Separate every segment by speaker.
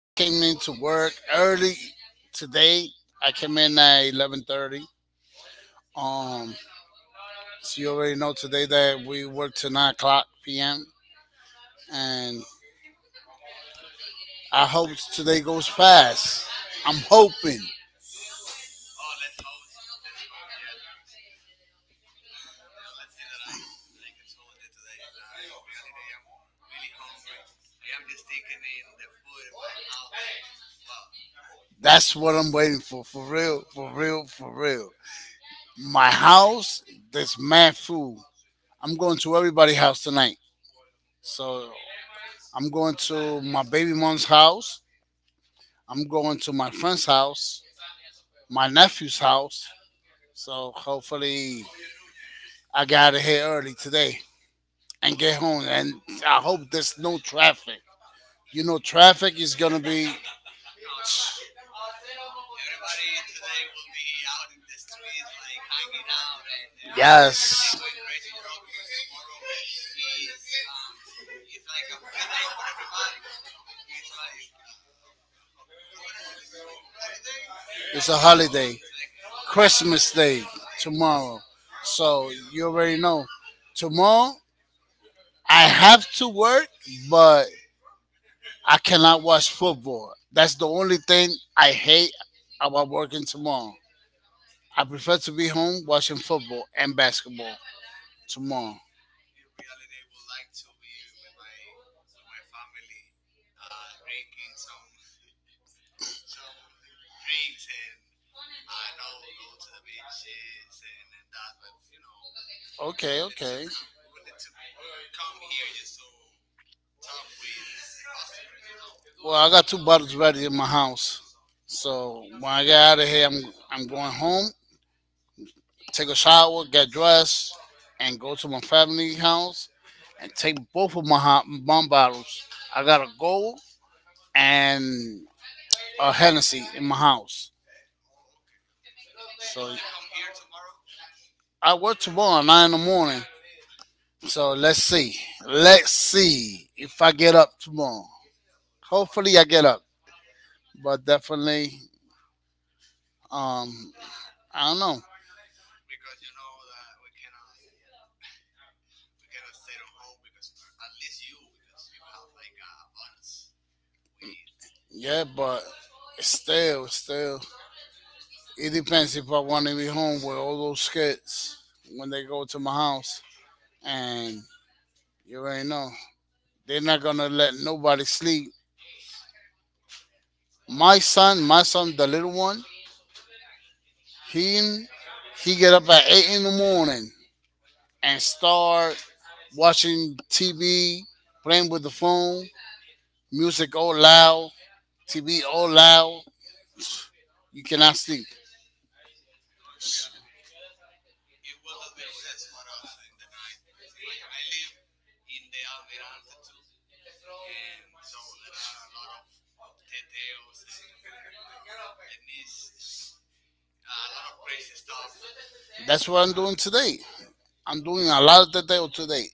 Speaker 1: I came into work early today. I came in at 11:30. Um, so you already know today that we work till 9 o'clock p.m. And I hope today goes fast. I'm hoping. That's what I'm waiting for. For real, for real, for real. My house, this mad food. I'm going to everybody's house tonight. So I'm going to my baby mom's house. I'm going to my friend's house, my nephew's house. So hopefully I got out of here early today and get home. And I hope there's no traffic. You know, traffic is gonna be. Yes. It's a holiday. Christmas Day tomorrow. So you already know. Tomorrow I have to work, but I cannot watch football. That's the only thing I hate about working tomorrow. I prefer to be home watching football and basketball tomorrow. Okay, okay. Well, I got two bottles ready in my house. So when I get out of here, I'm going home, take a shower, get dressed, and go to my family house and take both of my hot bomb bottles. I got a gold and a Hennessy in my house. So I work tomorrow, nine in the morning. So let's see. Let's see if I get up tomorrow. Hopefully I get up. But definitely, um, I don't know. Yeah, but still. It depends if I want to be home with all those kids when they go to my house. And you already know. They're not gonna let nobody sleep. My son, the little one, he he get up at eight in the morning and start watching TV, playing with the phone, music all loud, TV all loud, you cannot sleep. That's what I'm doing today. I'm doing a lot of detail today.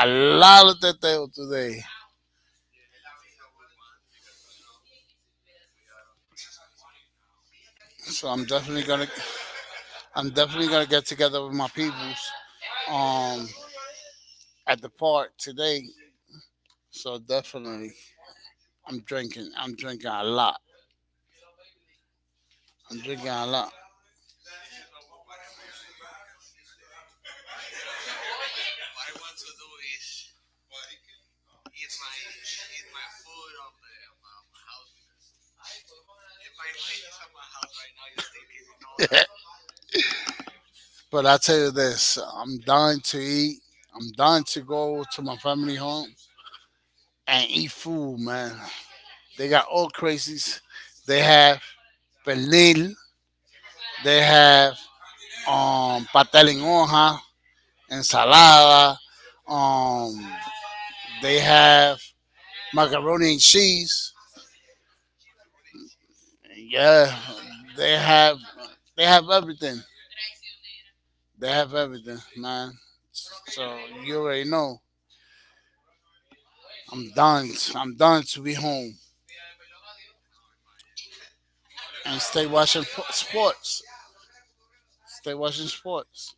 Speaker 1: A lot of detail today. So I'm definitely gonna get together with my peoples um at the park today. So definitely I'm drinking. I'm drinking a lot. I'm drinking a lot. But I tell you this, I'm dying to eat. I'm dying to go to my family home and eat food, man. They got all crazies. They have pernil. They have pastel en hoja, ensalada. Um, they have macaroni and cheese. Yeah, they have they have everything. They have everything, man. So you already know. I'm done. I'm done to be home and stay watching sports. Stay watching sports.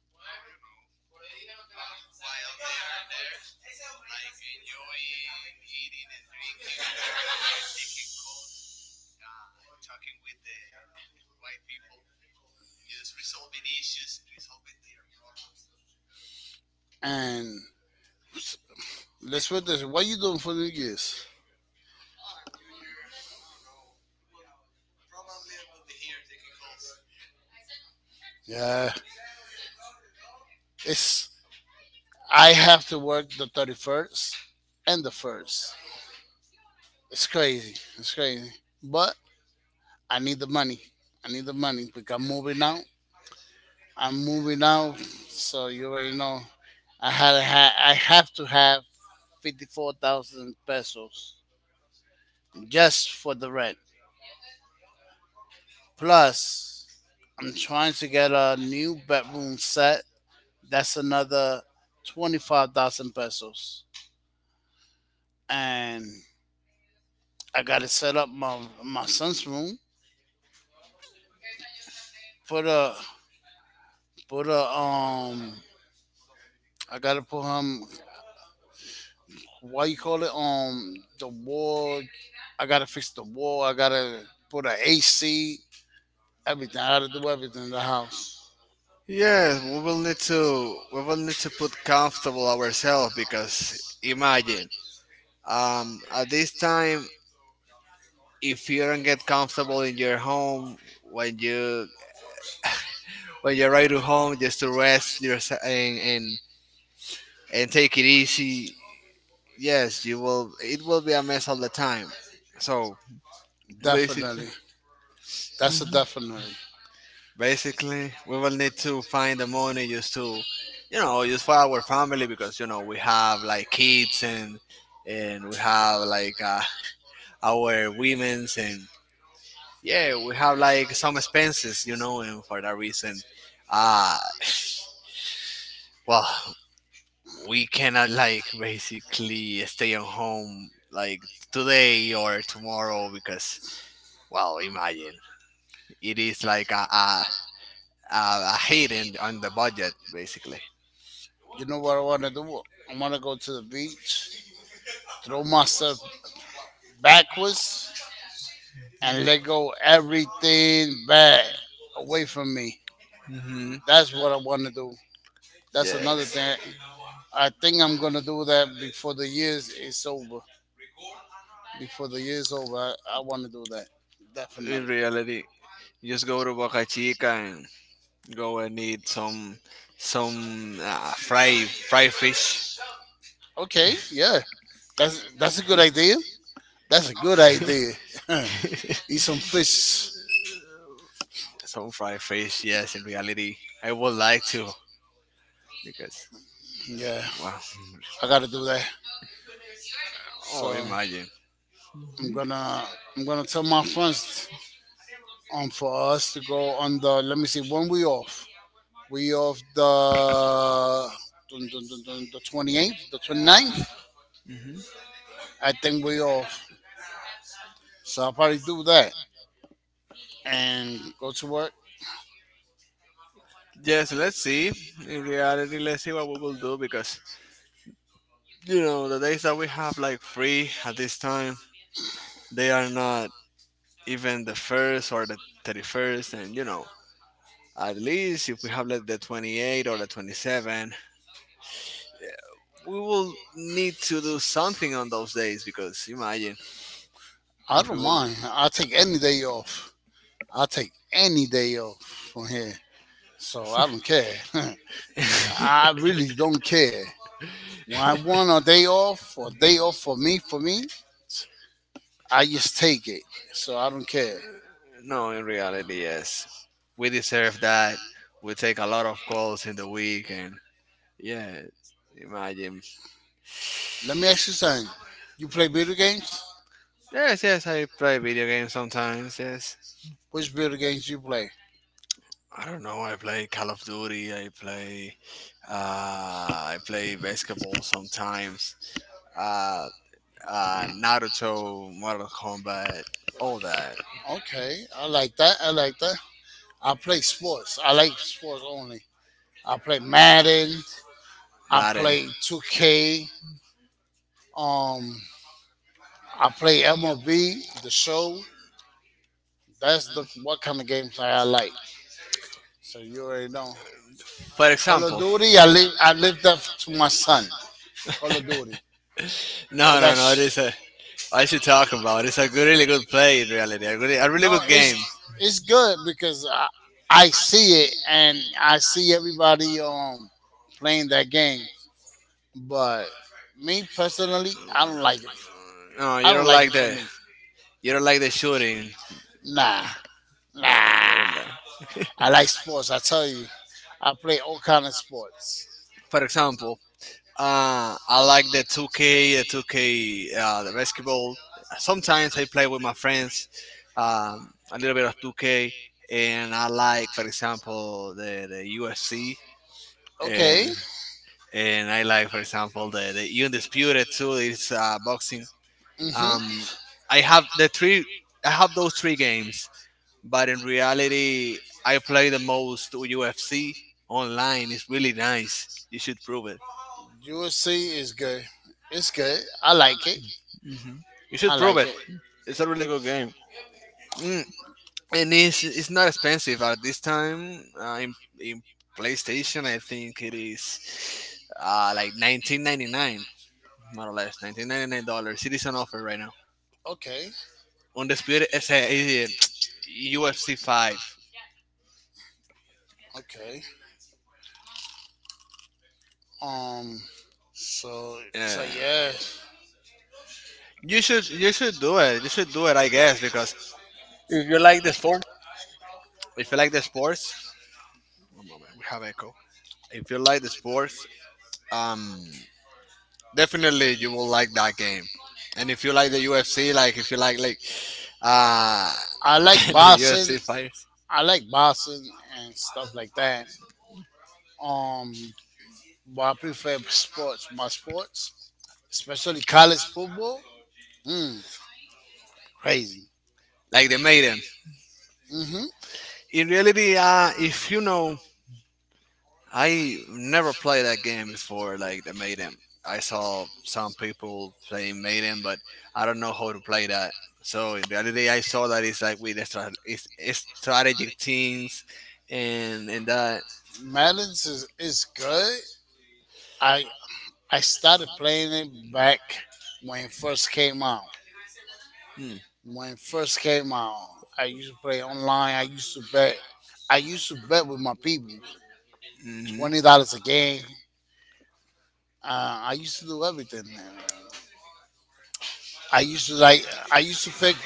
Speaker 1: And let's put this: What you doing for New Year's? Yeah, it's I have to work the 31st and the first. It's crazy. It's crazy. But I need the money. I need the money because I'm moving out. I'm moving out. So you already know. I had a ha- I have to have 54,000 pesos just for the rent. Plus, I'm trying to get a new bedroom set. That's another 25,000 pesos, and I got to set up my son's room. Put a put a. I gotta put him what you call it? The wall. I gotta fix the wall. I gotta put an AC. Everything. I gotta do everything in the house.
Speaker 2: Yes, we will need to put comfortable ourselves because imagine, at this time, if you don't get comfortable in your home, when you when you arrive to home just to rest your, and take it easy. Yes, you will, it will be a mess all the time, so
Speaker 1: Definitely.
Speaker 2: basically.
Speaker 1: That's a
Speaker 2: Mm-hmm.
Speaker 1: definitely.
Speaker 2: Basically, we will need to find the money just to, just for our family, because we have like kids, and we have like our women's, and yeah, we have like some expenses, and for that reason, uh, well, we cannot like basically stay at home like today or tomorrow, because, well, imagine, it is like a hit in, on the budget, basically.
Speaker 1: You know what I wanna do? I wanna go to the beach, throw myself backwards, and let go everything bad away from me.
Speaker 2: Mhm.
Speaker 1: That's what I wanna do. That's another
Speaker 2: Yes.
Speaker 1: thing. I think I'm gonna do that before the years is over. Before the year's over, I wanna do that.
Speaker 2: In
Speaker 1: Definitely.
Speaker 2: reality, just go to Boca Chica and go and eat some fried fish.
Speaker 1: Okay, yeah. That's a good idea. That's a good idea. Eat some fish.
Speaker 2: Some fried fish. Yes, in reality, I would like to, because
Speaker 1: Yeah,
Speaker 2: wow.
Speaker 1: I gotta do that.
Speaker 2: Oh,
Speaker 1: So
Speaker 2: imagine.
Speaker 1: I'm gonna I'm gonna tell my friends for us to go on the let me see when we off. We off the dun, dun, dun, dun, the 28th, the 29th.
Speaker 2: Hmm.
Speaker 1: I think we off. So I'll probably do that and go to work.
Speaker 2: Yes, let's see. In reality, let's see what we will do, because the days that we have like free at this time, they are not even the first or the 31st, and at least if we have like the 28 or the 27, we will need to do something on those days, because imagine,
Speaker 1: I
Speaker 2: if we
Speaker 1: don't
Speaker 2: will.
Speaker 1: mind. I'll take any day off. I'll take any day off from here. So I don't care. I really don't care. When I want a day off or day off for me, I just take it. So I don't care.
Speaker 2: No, in reality, yes, we deserve that. We take a lot of calls in the week, and yes, imagine.
Speaker 1: Let me ask you something. You play video games?
Speaker 2: Yes, yes, I play video games sometimes, yes.
Speaker 1: Which video games you play?
Speaker 2: I don't know. I play Call of Duty. I play, I play basketball sometimes. uh, Naruto, Mortal Kombat, all that.
Speaker 1: Okay, I like that. I like that. I play sports. I like sports only. I play Madden. I
Speaker 2: Madden,
Speaker 1: play 2K. Um, I play MLB, the show. That's the what kind of games I like. So you already know.
Speaker 2: for
Speaker 1: Call of
Speaker 2: example.
Speaker 1: Duty, I leave that to my son. Call of Duty. Oh,
Speaker 2: No, no, no. It
Speaker 1: that's
Speaker 2: is a. I should talk about. It's a good, really good play in reality. A really
Speaker 1: no,
Speaker 2: good game.
Speaker 1: it's good because I see it and I see everybody playing that game. But me personally, I don't like it.
Speaker 2: No,
Speaker 1: I
Speaker 2: you don't
Speaker 1: don't like it
Speaker 2: like
Speaker 1: for
Speaker 2: the.
Speaker 1: me.
Speaker 2: You don't like the shooting.
Speaker 1: Nah,
Speaker 2: No, you
Speaker 1: nah.
Speaker 2: don't like.
Speaker 1: I like sports. I tell you, I play all kind of sports.
Speaker 2: For example, I like the 2K, the basketball. Sometimes I play with my friends, a little bit of 2K, and I like, for example, the UFC, and
Speaker 1: Okay.
Speaker 2: and I like, for example, the Undisputed too. It's boxing.
Speaker 1: Mhm.
Speaker 2: Um, I have the three. I have those three games, but in reality, I play the most UFC online. It's really nice. You should prove it.
Speaker 1: USC is good. It's good. I like it.
Speaker 2: Hmm. You should
Speaker 1: I
Speaker 2: prove
Speaker 1: like
Speaker 2: it.
Speaker 1: it.
Speaker 2: It's a really good game. Mm, and it's not expensive at this time. In PlayStation, I think it is, like 19.99, more or less $19.99. It is on offer right now.
Speaker 1: Okay,
Speaker 2: Undisputed is a, UFC 5.
Speaker 1: okay. Um, so so
Speaker 2: Uh,
Speaker 1: yeah,
Speaker 2: you should do it. You should do it, I guess, because if you like the sport, if you like the sports. One moment, we have echo. If you like the sports, um, definitely you will like that game. And if you like the UFC, like if you like, uh
Speaker 1: I like
Speaker 2: the
Speaker 1: boxing.
Speaker 2: UFC fighters,
Speaker 1: I like boxing and stuff like that. Um, but I prefer sports. My sports, especially college football. Mm, crazy.
Speaker 2: like the Maiden.
Speaker 1: Mhm.
Speaker 2: In reality, if you know, I never played that game before, like the Maiden. I saw some people playing Maiden, but I don't know how to play that. So in reality, I saw that it's like with extra, it's strategic things, and that.
Speaker 1: Madden's is good. I I started playing it back when it first came out.
Speaker 2: Hmm.
Speaker 1: When it first came out, I used to play online. I used to bet. I used to bet with my people,
Speaker 2: Mhm.
Speaker 1: $20 a game. I used to do everything. I used to like. I used to pick.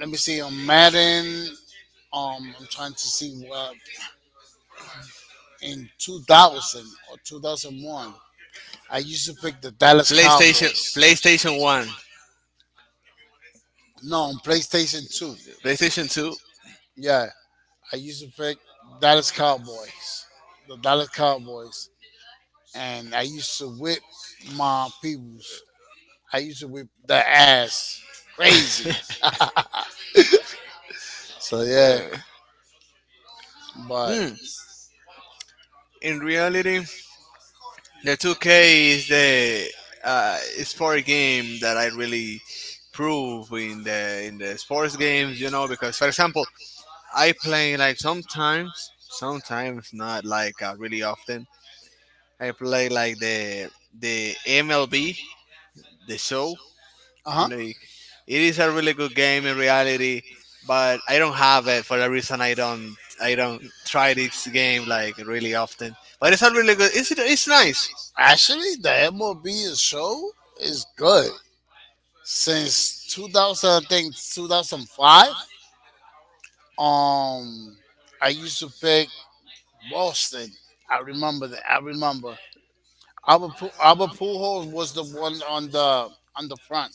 Speaker 1: Let me see. On Madden. I'm trying to see what in 2000 or 2001. I used to pick the Dallas
Speaker 2: PlayStation
Speaker 1: Cowboys.
Speaker 2: PlayStation One.
Speaker 1: No, on PlayStation 2.
Speaker 2: PlayStation 2.
Speaker 1: Yeah, I used to pick Dallas Cowboys. The Dallas Cowboys. And I used to whip my peoples. I used to whip their ass crazy. So yeah,
Speaker 2: Uh,
Speaker 1: but
Speaker 2: Hmm. In reality, the 2K is the, uh, sport game that I really prove in the sports games. You know, because for example, I play like sometimes, sometimes not, like really often. I play like the MLB, the show.
Speaker 1: uh huh.
Speaker 2: Like, it is a really good game in reality, but I don't have it, for the reason I don't, try this game like really often. But it's a really good. It's nice.
Speaker 1: Actually, the MLB show is good since 2000. I think 2005. Um, I used to pick Boston. I remember that. I remember Albert Pujols was the one on the front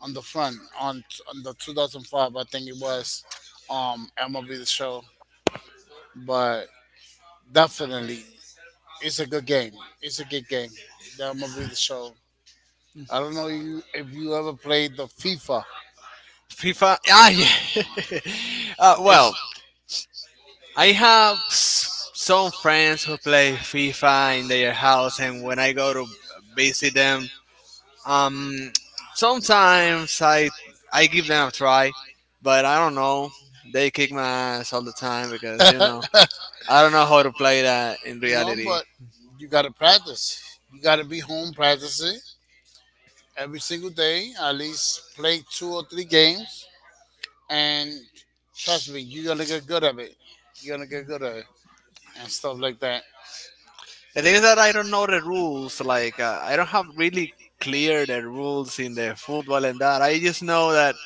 Speaker 1: on the front on the 2005. I think it was MLB the show. But definitely it's a good game. It's a good game. That movie, the show. I don't know you if you ever played the FIFA.
Speaker 2: FIFA. Ah, yeah.
Speaker 1: It's
Speaker 2: Well, I have some friends who play FIFA in their house, and when I go to visit them, um, sometimes I give them a try, but I don't know. They kick my ass all the time, because I don't know how to play that in
Speaker 1: no,
Speaker 2: reality.
Speaker 1: but you gotta practice. You gotta be home practicing every single day, at least play two or three games, and trust me, you're gonna get good at it. You're gonna get good at it and stuff like that.
Speaker 2: The thing is that I don't know the rules. Like, I don't have really clear the rules in the football and that. I just know that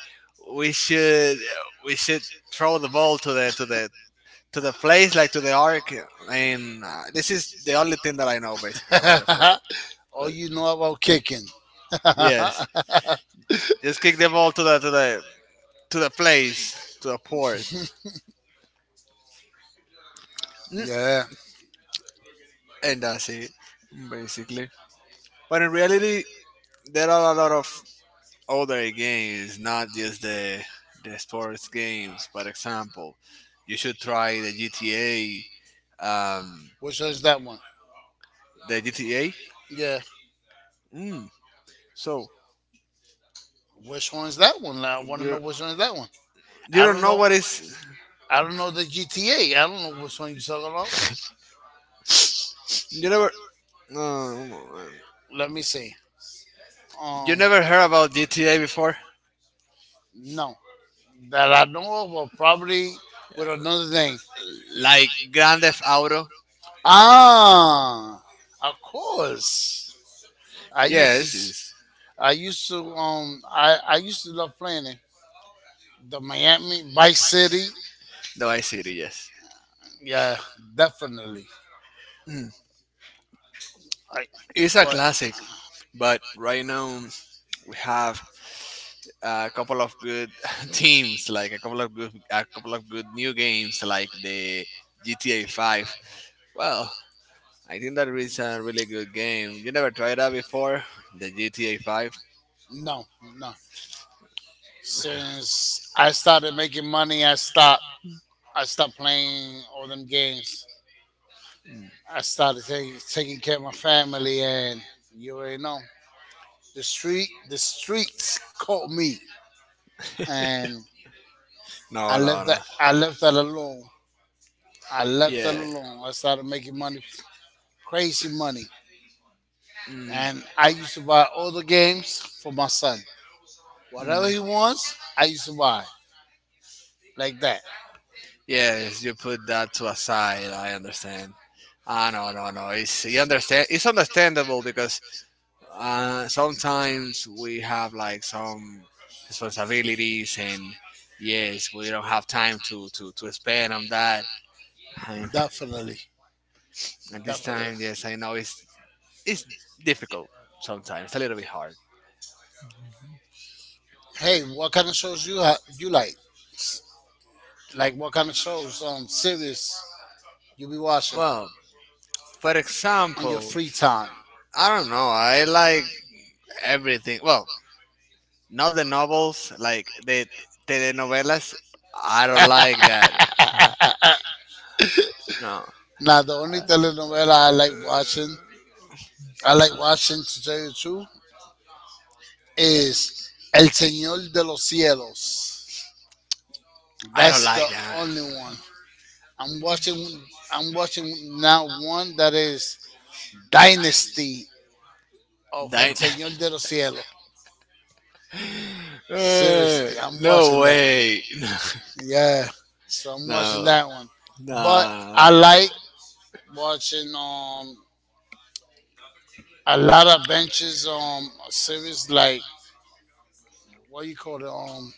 Speaker 2: we should we should throw the ball to the place, like to the arc. And this is the only thing that I know basically about the football.
Speaker 1: All
Speaker 2: But
Speaker 1: you know about kicking.
Speaker 2: yes, just kick the ball to the place, to the port, Mm,
Speaker 1: Yeah.
Speaker 2: and that's it basically. But in reality, there are a lot of other games, not just the sports games. For example, you should try the GTA. Um,
Speaker 1: Which one is that one?
Speaker 2: the GTA.
Speaker 1: Yeah.
Speaker 2: Mm. So
Speaker 1: Which one is that one? I want to
Speaker 2: you
Speaker 1: know which one is that one.
Speaker 2: you
Speaker 1: I
Speaker 2: don't
Speaker 1: don't
Speaker 2: know
Speaker 1: know.
Speaker 2: what is,
Speaker 1: I don't know the GTA. I don't know which one you're talking about.
Speaker 2: you never, no, no,
Speaker 1: Let me see.
Speaker 2: you
Speaker 1: Um.
Speaker 2: never heard about GTA before,
Speaker 1: No, that I know of, or probably with another name.
Speaker 2: like Grand Theft Auto.
Speaker 1: Ah, of course. I used to.
Speaker 2: Yes,
Speaker 1: s-
Speaker 2: it's
Speaker 1: I used to. I used to love playing it. The Miami Vice City.
Speaker 2: the Vice City. Yes.
Speaker 1: Yeah, definitely.
Speaker 2: Mm.
Speaker 1: I,
Speaker 2: It's a
Speaker 1: but
Speaker 2: classic, but right now we have a couple of good teams, like a couple of good new games, like the GTA 5. Well, I think that is a really good game. You never tried that before, the GTA 5.
Speaker 1: no, no. Since I started making money, I stopped. I stopped playing all them games. I started taking care of my family, and you already know the street. The streets caught me, and
Speaker 2: No, no, no.
Speaker 1: I left that alone. I left that
Speaker 2: Yeah,
Speaker 1: alone. I started making money, crazy money,
Speaker 2: mm,
Speaker 1: and I used to buy all the games for my son. Whatever he
Speaker 2: mm.
Speaker 1: wants, I used to buy like that.
Speaker 2: Yes. You put that to a side. I understand. Ah, no, no, no. It's, you understand. It's understandable, because sometimes we have like some responsibilities, and yes, we don't have time to spend on that, and
Speaker 1: Definitely,
Speaker 2: at this
Speaker 1: definitely.
Speaker 2: time, yes, I know, it's difficult sometimes, a little bit hard.
Speaker 1: Hey, what kind of shows you like? Like what kind of shows on series you be watching
Speaker 2: Well, for
Speaker 1: on your
Speaker 2: example,
Speaker 1: free time?
Speaker 2: I don't know, I like everything. Well, not the novels, like the telenovelas. I don't like that. No,
Speaker 1: Now the only telenovela I like watching, to tell you the truth, is El Señor de los Cielos.
Speaker 2: I don't
Speaker 1: That's the
Speaker 2: like that.
Speaker 1: only one. I'm watching. I'm watching now one that is Dynasty of El
Speaker 2: That.
Speaker 1: Señor de los Cielos.
Speaker 2: Uh,
Speaker 1: Seriously, I'm
Speaker 2: no
Speaker 1: watching that.
Speaker 2: way.
Speaker 1: Yeah, so I'm watching
Speaker 2: No.
Speaker 1: that one. But I
Speaker 2: No.
Speaker 1: like watching a lot of benches series like what you call it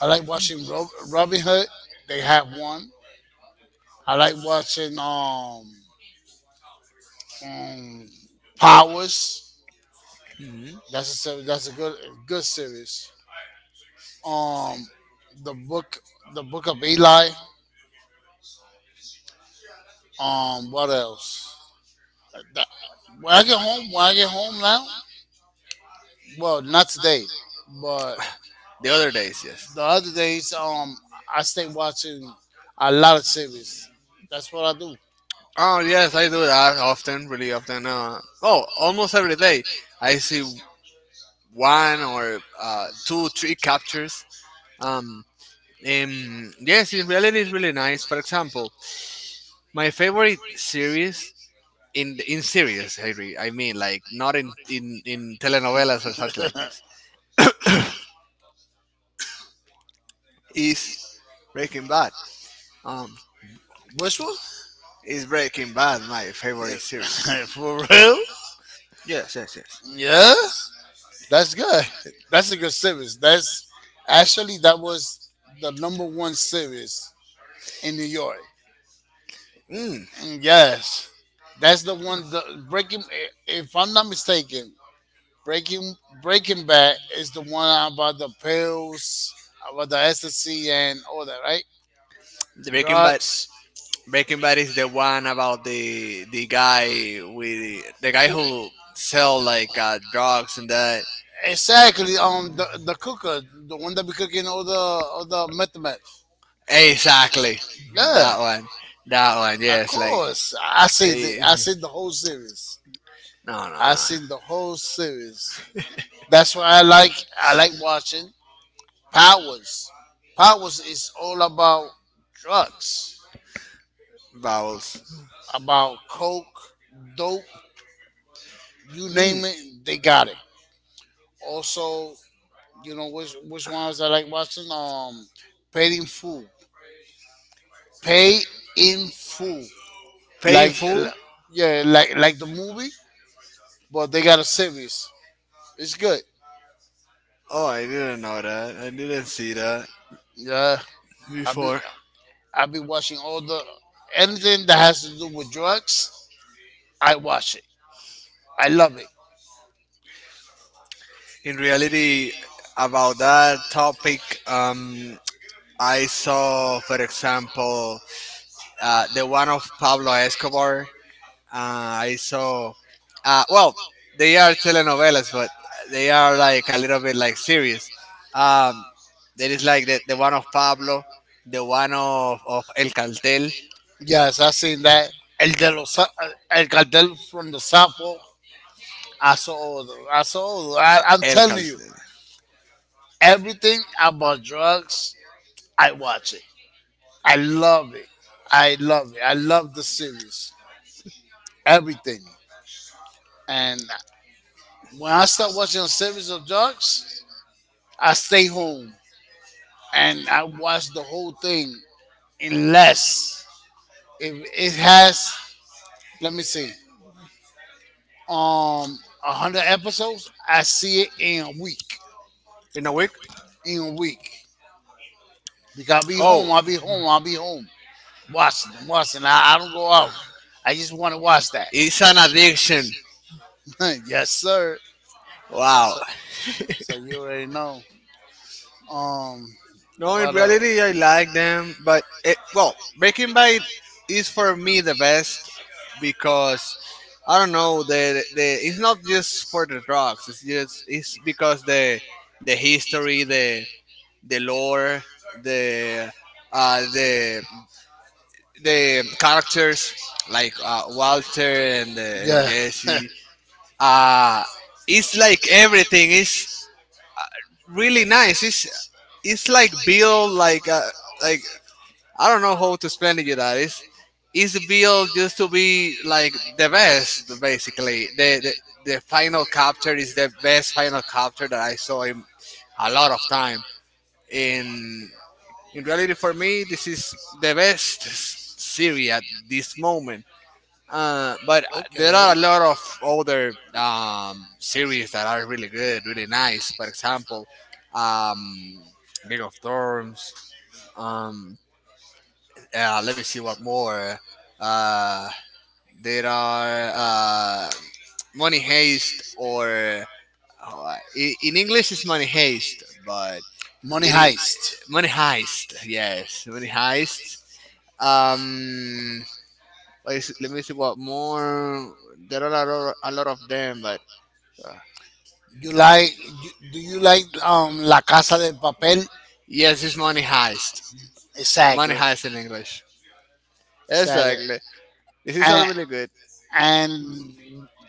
Speaker 1: I like watching Robin Hood. They have one. I like watching um Powers.
Speaker 2: Hmm.
Speaker 1: That's a good good series. Um, the book the book of Eli. What else? Uh, that- when I get home, when I get home now, well, not today, but
Speaker 2: The other days, yes.
Speaker 1: the other days, I stay watching a lot of series. That's what I do.
Speaker 2: Oh, yes, I do that often, really often. Oh, almost every day. I see one or two, three captures. Um, yes, in reality, it's really nice. For example, my favorite series, in series, I mean, like not in telenovelas or something like this, is Breaking Bad. Um,
Speaker 1: Which one?
Speaker 2: Is Breaking Bad my favorite series?
Speaker 1: For real?
Speaker 2: Yes, yes, yes.
Speaker 1: Yeah, that's good. That's a good series. That's actually that was the number one series in New York.
Speaker 2: Mm,
Speaker 1: And yes, that's the one. The Breaking, if I'm not mistaken, Breaking Breaking Bad is the one about the pills, about the ecstasy and all that, right?
Speaker 2: the Breaking Bad.
Speaker 1: Drugs.
Speaker 2: Breaking Bad is the one about the guy, with the guy who sell, like, drugs and that.
Speaker 1: Exactly. The cooker, the one that be cooking all the meth.
Speaker 2: Exactly,
Speaker 1: Yeah,
Speaker 2: that one. That one.
Speaker 1: of
Speaker 2: Yes, like
Speaker 1: course.
Speaker 2: they.
Speaker 1: I see the whole series.
Speaker 2: No, no,
Speaker 1: I
Speaker 2: no.
Speaker 1: seen the whole series. That's why I like watching Powers. Powers is all about drugs,
Speaker 2: Vowels.
Speaker 1: about coke, dope, you
Speaker 2: Mm,
Speaker 1: name it, they got it. Also, you know which ones I like watching? Paid in Full. Pay in Full. like
Speaker 2: painful.
Speaker 1: l- yeah, like the movie, but they got a series. It's good.
Speaker 2: Oh, I didn't know that. I didn't see that
Speaker 1: Yeah, I be
Speaker 2: before.
Speaker 1: I be watching all the anything that has to do with drugs. I watch it. I love it.
Speaker 2: In reality, about that topic, um, I saw, for example, the one of Pablo Escobar. I saw, well, they are telenovelas, but they are like a little bit like serious. Um, there is like the one of Pablo, the one of El Cartel.
Speaker 1: Yes, I seen that. El de los El Cartel from the Sapo. I saw all the. I saw all the, I'm
Speaker 2: El
Speaker 1: telling you,
Speaker 2: Cartel.
Speaker 1: everything about drugs. I watch it. I love it. I love it. I love the series. Everything. And when I start watching a series of dogs, I stay home and I watch the whole thing unless, if it has, let me see, um 100 episodes, I see it in a week.
Speaker 2: In a week?
Speaker 1: In a week. Because I'll be
Speaker 2: Oh,
Speaker 1: home, I'll be home, I'll be home. Watching. I don't go out. I just want to watch that.
Speaker 2: it's an addiction.
Speaker 1: Yes, sir.
Speaker 2: Wow.
Speaker 1: So, so you already know. Um
Speaker 2: No, in
Speaker 1: What else?
Speaker 2: reality, I like them, but it, well, Breaking Bad is for me the best, because I don't know the, it's not just for the drugs. It's just, it's because the, history, the, lore, the, the, characters, like, Walter, and,
Speaker 1: Yeah.
Speaker 2: Jesse. Uh, it's like everything. It's really nice. It's like built like a, like, I don't know how to explain to you that. It's built just to be like the best, basically. The final capture is the best final capture that I saw in a lot of time. In in reality, for me, this is the best series at this moment. But there
Speaker 1: Okay.
Speaker 2: are a lot of other, series that are really good, really nice. For example, um, Game of Thrones. Um, yeah, let me see what more. Uh, there are, money heist, or oh, in English it's money heist, but
Speaker 1: Money
Speaker 2: it is
Speaker 1: Heist.
Speaker 2: money heist. Yes, money heist. Um, what is it? Let me see what more. There are a lot of them, but
Speaker 1: You like? Do you like La Casa de Papel?
Speaker 2: yes, it's money heist. Money
Speaker 1: Exactly.
Speaker 2: heist in English.
Speaker 1: Exactly.
Speaker 2: Exactly. This is all
Speaker 1: and
Speaker 2: really good.
Speaker 1: and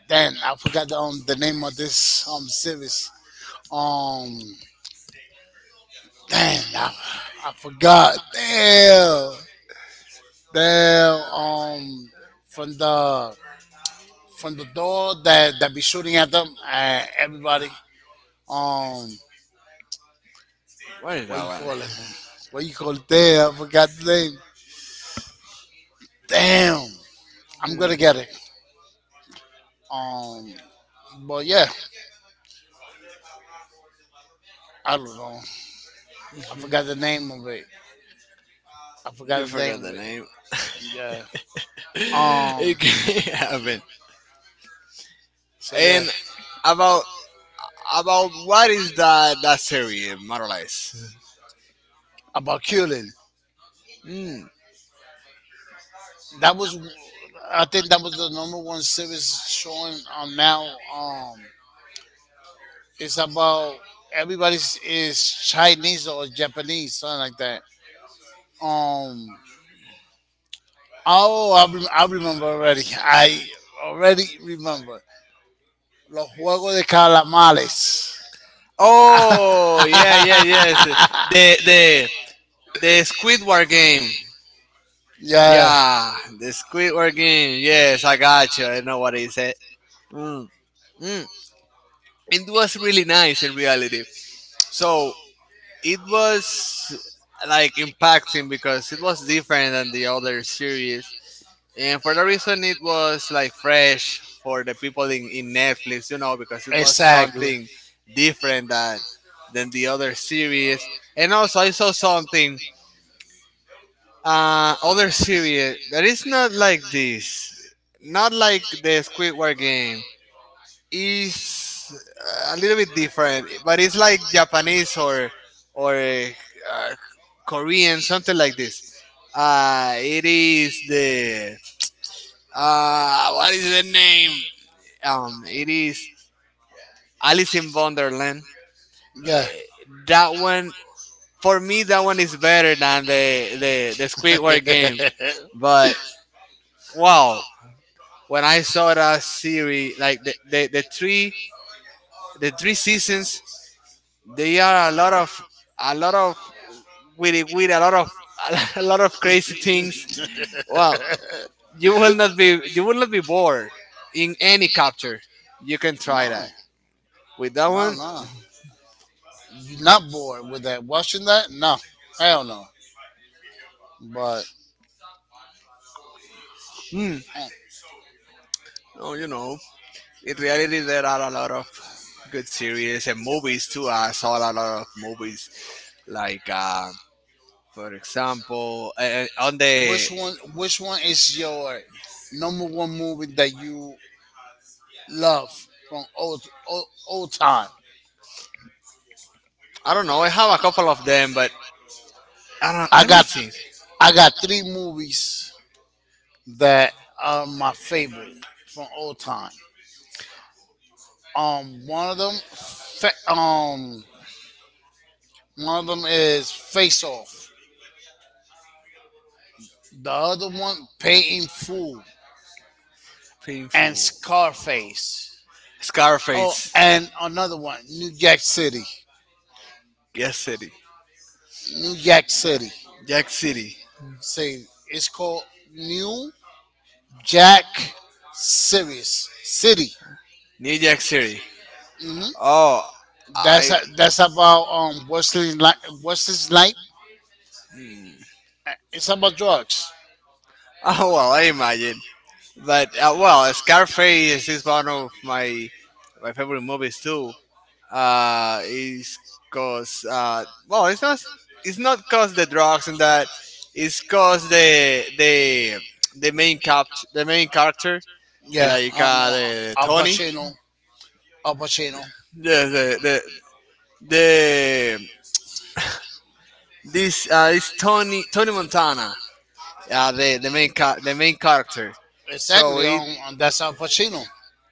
Speaker 1: then I forgot the name of this series. Um, Damn, I forgot. Damn, damn. From the from the door that be shooting at them, everybody. Um,
Speaker 2: What is
Speaker 1: what
Speaker 2: that
Speaker 1: you
Speaker 2: one?
Speaker 1: call it? What you call it? Damn, I forgot the name. Damn, I'm gonna get it. Um, but yeah, I don't know. I
Speaker 2: Hmm.
Speaker 1: forgot the name of it. I
Speaker 2: You
Speaker 1: forgot the name
Speaker 2: forgot
Speaker 1: of
Speaker 2: the
Speaker 1: it.
Speaker 2: name.
Speaker 1: Yeah. Um.
Speaker 2: It can happen.
Speaker 1: So yeah,
Speaker 2: And about about what is that series, more or less?
Speaker 1: about Cullen.
Speaker 2: Mm.
Speaker 1: That was, I think that was the number one series showing on now. It's about everybody's is Chinese or Japanese, something like that. Um. Oh, I remember already. I already remember. Los Juegos de Calamares.
Speaker 2: Oh yeah, yeah, yes. The the Squidward game.
Speaker 1: Yeah,
Speaker 2: Yeah, the Squidward game. Yes, I got you. I know what is it. Mm. Mm. It was really nice in reality. So it was like impacting, because it was different than the other series. And for the reason it was like fresh for the people in, Netflix, because it was
Speaker 1: exactly.
Speaker 2: something different that than the other series. And also, I saw something, other series that is not like this. Not like the Squidward game. Is a little bit different, but it's like Japanese or, or uh, Korean, something like this. It is the, what is the name? It is Alice in Wonderland.
Speaker 1: Yeah.
Speaker 2: That one, for me, that one is better than the Squidward game. But wow, when I saw that series, like the three the three seasons, they are a lot of a lot of with a lot of a lot of crazy things. Well, you will not be bored in any capture. You can try
Speaker 1: No,
Speaker 2: that with that
Speaker 1: no,
Speaker 2: one.
Speaker 1: no. You're not bored with that. Watching that? No. Hell no. But
Speaker 2: Hmm.
Speaker 1: Uh,
Speaker 2: Oh, in reality, there are a lot of good series and movies too. I saw a lot of movies, like for example, on the.
Speaker 1: which one? Which one is your number one movie that you love from old, old, old time?
Speaker 2: I don't know. I have a couple of them, but I don't.
Speaker 1: I
Speaker 2: Let me
Speaker 1: got
Speaker 2: think.
Speaker 1: I got three movies that are my favorite from old time. Um, one of them, fa- um, One of them is Face Off. The other one, Pay in Full,
Speaker 2: Painful.
Speaker 1: and Scarface. Oh,
Speaker 2: Scarface.
Speaker 1: and another one, New Jack City.
Speaker 2: Yes City.
Speaker 1: New Jack City.
Speaker 2: Jack City.
Speaker 1: Say it's called New Jack Series City.
Speaker 2: New Jack City.
Speaker 1: hmm
Speaker 2: Oh,
Speaker 1: That's
Speaker 2: I.
Speaker 1: that's about Wesley's life. Wesley's life.
Speaker 2: hmm.
Speaker 1: It's about drugs.
Speaker 2: Oh well, I imagine. But well, Scarface is one of my favorite movies too. Is cause well, it's not cause the drugs and that. It's cause the main character
Speaker 1: Yeah,
Speaker 2: like
Speaker 1: I know. Al Pacino. Al Pacino.
Speaker 2: The the the, the this is Tony Tony Montana, the main character. So
Speaker 1: Exactly.
Speaker 2: it
Speaker 1: That's Al Pacino.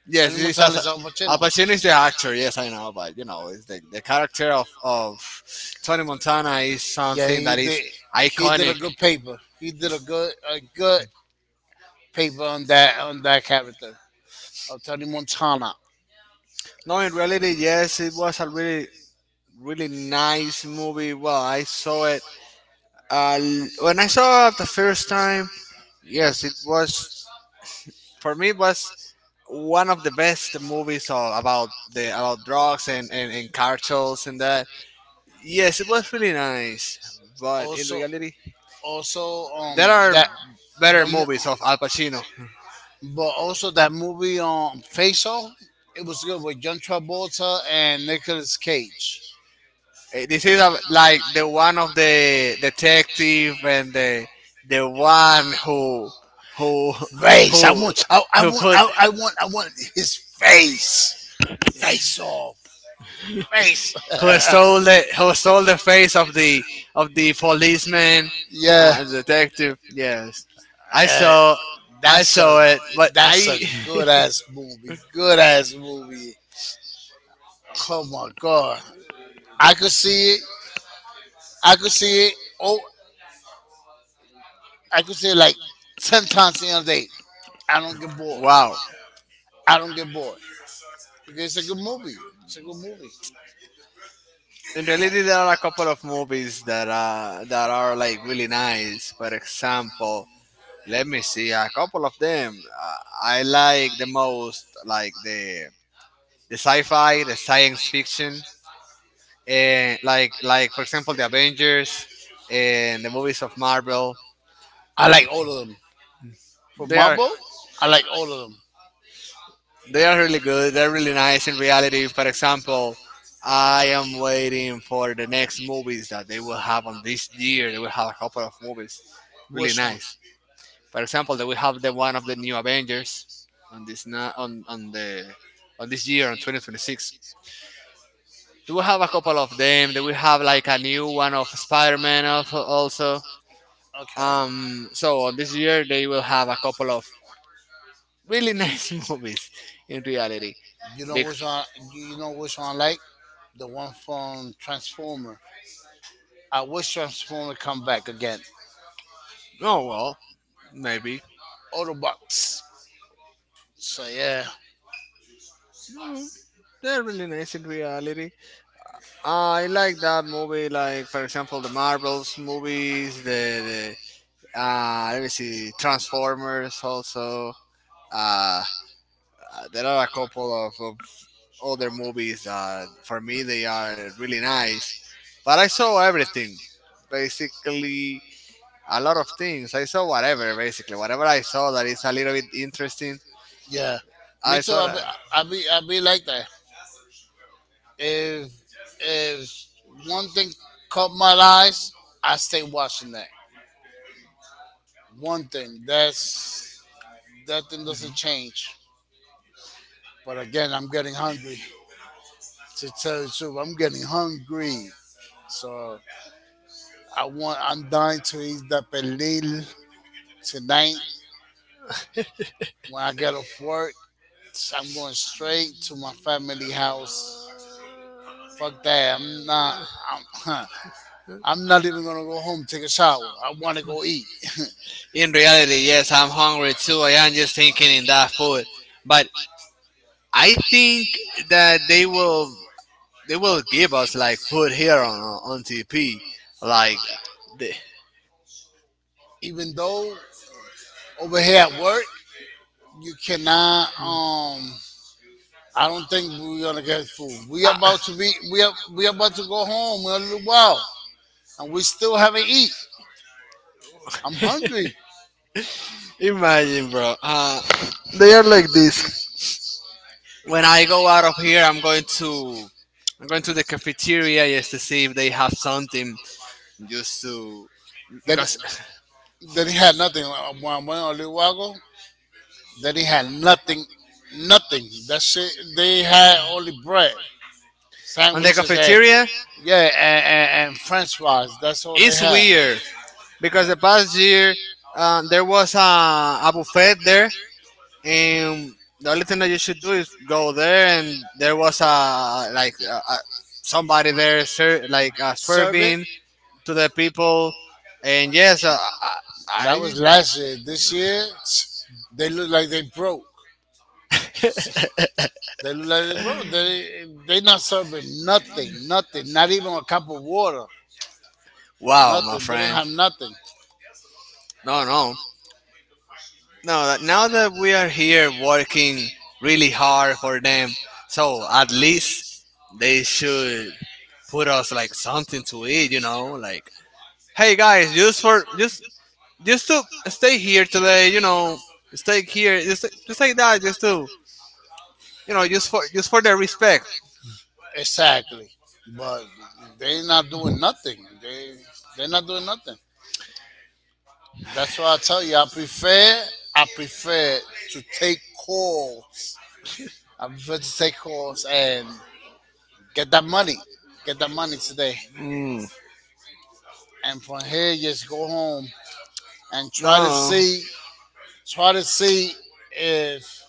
Speaker 2: yes,
Speaker 1: Tony
Speaker 2: it is
Speaker 1: Montana
Speaker 2: as.
Speaker 1: is Al
Speaker 2: Al
Speaker 1: Pacino.
Speaker 2: Pacino is the actor. Yes, I know, but it's the character of Tony Montana is
Speaker 1: Yeah,
Speaker 2: something
Speaker 1: he
Speaker 2: that is
Speaker 1: did. He did a
Speaker 2: iconic.
Speaker 1: good paper. He did a good paper on that character of Tony Montana.
Speaker 2: No, in reality, yes, it was a really, really nice movie. Well, I saw it when I saw it the first time. Yes, it was for me it was one of the best movies all about the about drugs and cartels and that. Yes, it was really nice, but in
Speaker 1: Also,
Speaker 2: reality,
Speaker 1: also,
Speaker 2: there are
Speaker 1: that
Speaker 2: better
Speaker 1: the mo-
Speaker 2: movies of Al Pacino.
Speaker 1: but also that movie Face Off. It was good with John Travolta and Nicolas Cage.
Speaker 2: This is a, like the one of the detective and the one who who
Speaker 1: Face. I
Speaker 2: who
Speaker 1: want. I want.
Speaker 2: put
Speaker 1: I want his face. Face off. Face.
Speaker 2: who stole the face of the policeman,
Speaker 1: Yeah.
Speaker 2: detective. Yes, I
Speaker 1: Uh,
Speaker 2: saw I
Speaker 1: that's a
Speaker 2: saw it, but
Speaker 1: that's
Speaker 2: I.
Speaker 1: a good ass movie. Good ass movie. Oh my god. I could see it. I could see it. Oh, I could see it like 10 times in a day. I don't get bored.
Speaker 2: Wow.
Speaker 1: I don't get bored because it's a good movie. It's a good movie.
Speaker 2: In reality, there are a couple of movies that that are like really nice. For example, let me see a couple of them. I like the most like the sci-fi, the science fiction, and like for example the Avengers and the movies of Marvel.
Speaker 1: I like all of them. For
Speaker 2: They are
Speaker 1: Marvel, I like all of them.
Speaker 2: they are really good. They're really nice in reality. For example, I am waiting for the next movies that they will have on this year. They will have a couple of movies, really
Speaker 1: Which one?
Speaker 2: nice. For example, that we have the one of the new Avengers on the on this year on 2026. Do we have a couple of them? Do we have like a new one of Spider-Man also?
Speaker 1: Okay.
Speaker 2: So on this year they will have a couple of really nice movies in reality.
Speaker 1: You know
Speaker 2: Big
Speaker 1: which one? You know which one I like? The one from Transformer. I wish Transformer come back again.
Speaker 2: oh well, maybe.
Speaker 1: Autobots. So yeah.
Speaker 2: Mm, they're really nice in reality. I like that movie, like for example the Marvels movies, the. Let me see. Transformers also. Uh, there are a couple of other movies that for me they are really nice. But I saw everything, basically a lot of things. I saw whatever, basically whatever I saw that is a little bit interesting.
Speaker 1: Yeah, me
Speaker 2: I
Speaker 1: too.
Speaker 2: saw that.
Speaker 1: I be like that. If if one thing caught my eyes, I stay watching that. One thing, that's, that thing doesn't change. But again, I'm getting hungry. To tell you the truth, I'm getting hungry. So I want. I'm dying to eat that pelil tonight. When I get off work, I'm going straight to my family house. Fuck that. I'm not. I'm. I'm not even gonna go home take a shower. I want to go eat.
Speaker 2: In reality, yes, I'm hungry too. I am just thinking in that food, but I think that they will give us like food here on TP. Like, the,
Speaker 1: Even though over here at work you cannot. I don't think we're gonna get food.
Speaker 2: Ah,
Speaker 1: We about to go home in a little while, and we still haven't eat. I'm hungry.
Speaker 2: imagine, bro. When I go out of here, I'm going to the cafeteria just to see if they have something, just to, because
Speaker 1: That he had nothing, when I went a little while ago. That he had nothing, nothing. That shit, they had only bread,
Speaker 2: on the
Speaker 1: sandwiches, and
Speaker 2: cafeteria
Speaker 1: yeah, and French fries. That's all they
Speaker 2: it's
Speaker 1: had.
Speaker 2: weird because the past year there was a buffet there and the only thing that you should do is go there, and there was a like somebody there like
Speaker 1: Sherbet.
Speaker 2: serving to the people. And yes,
Speaker 1: That
Speaker 2: I,
Speaker 1: was last year. This year, they look like they broke.
Speaker 2: I
Speaker 1: They look like they broke. They not serving nothing, nothing, not even a cup of water.
Speaker 2: wow, my
Speaker 1: Nothing. They don't
Speaker 2: friend.
Speaker 1: have nothing.
Speaker 2: No No that- now that we are here working really hard for them, so at least they should put us like something to eat, you know, like hey guys, just for just just to stay here today, you know, stay here, just like that, just to, you know, just for the respect.
Speaker 1: Exactly. But they not doing nothing. They not doing nothing. That's why I tell you I prefer to take calls. I prefer to take calls and get that money. Get that money today.
Speaker 2: Mm,
Speaker 1: And from here just go home and try to
Speaker 2: no,
Speaker 1: see try to see if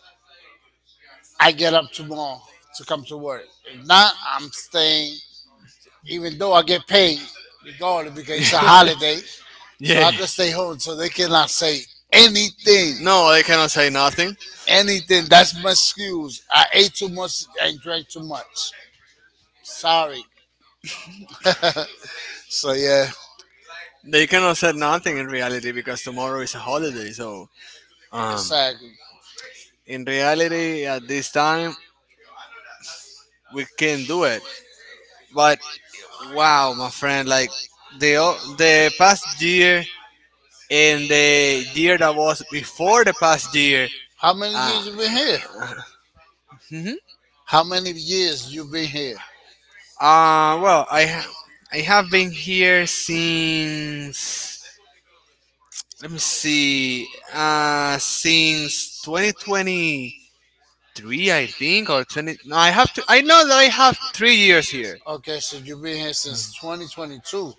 Speaker 1: I get up tomorrow to come to work. If not, I'm staying even though I get paid regardless because it's a holiday. So
Speaker 2: yeah,
Speaker 1: I could stay home, so they cannot say anything. No,
Speaker 2: no, they
Speaker 1: like, they
Speaker 2: cannot say
Speaker 1: cannot say
Speaker 2: nothing.
Speaker 1: nothing. Anything. That's my excuse. I ate too much and drank too much. Sorry. So yeah,
Speaker 2: They cannot say nothing in reality because tomorrow is a holiday. So, um,
Speaker 1: exactly.
Speaker 2: in reality at this time we can do it, but wow my friend, like the past year and the year that was before the past year,
Speaker 1: How many
Speaker 2: uh,
Speaker 1: years you been here?
Speaker 2: mhm.
Speaker 1: How many years you been here?
Speaker 2: Well I have been here since, let me see, since 2023 I think, or 20, no, I have to, I know that I have 3 years here.
Speaker 1: Okay, so you've been here since 2022.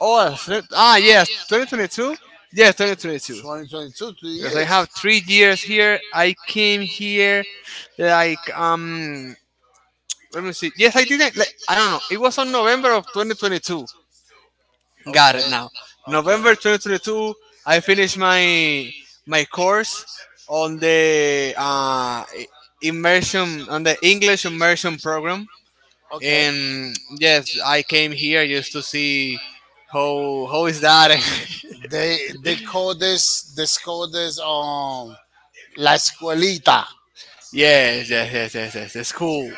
Speaker 2: Oh, ah
Speaker 1: Ah
Speaker 2: yes,
Speaker 1: yes,
Speaker 2: 2022,
Speaker 1: 2022. Yeah,
Speaker 2: yes
Speaker 1: 2022.
Speaker 2: 2022,
Speaker 1: 2022. three
Speaker 2: because I
Speaker 1: years.
Speaker 2: have
Speaker 1: I have
Speaker 2: three
Speaker 1: three
Speaker 2: years
Speaker 1: years
Speaker 2: here.
Speaker 1: here.
Speaker 2: I
Speaker 1: I
Speaker 2: came
Speaker 1: came
Speaker 2: here
Speaker 1: here.
Speaker 2: like let me see. Yes, I didn't. Like, I don't know. It was on November of 2022. Got
Speaker 1: Okay,
Speaker 2: it now.
Speaker 1: okay.
Speaker 2: November
Speaker 1: November twenty
Speaker 2: 2022.
Speaker 1: twenty-two.
Speaker 2: I finished my my course on the immersion, on the English immersion program.
Speaker 1: Okay.
Speaker 2: And yes, I came here just to see how is that.
Speaker 1: They call this la escuelita.
Speaker 2: Yes, yes, yes, yes, yes. It's cool.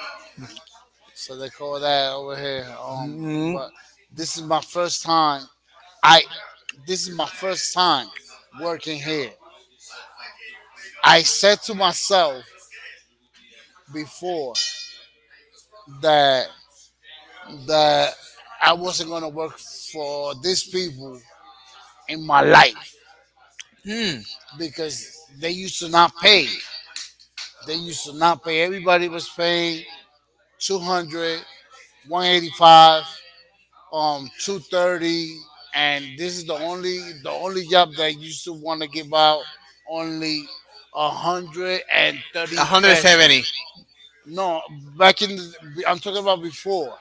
Speaker 1: So they call that over here.
Speaker 2: Mhm.
Speaker 1: But this is my first time. I This is my first time working here. I said to myself before that that I wasn't gonna work for these people in my life
Speaker 2: Hmm.
Speaker 1: because they used to not pay. They used to not pay. Everybody was paying 200, 185, 230. And this is the only job that used to want to give out only 130
Speaker 2: 170.
Speaker 1: pesos. No, I'm talking about before.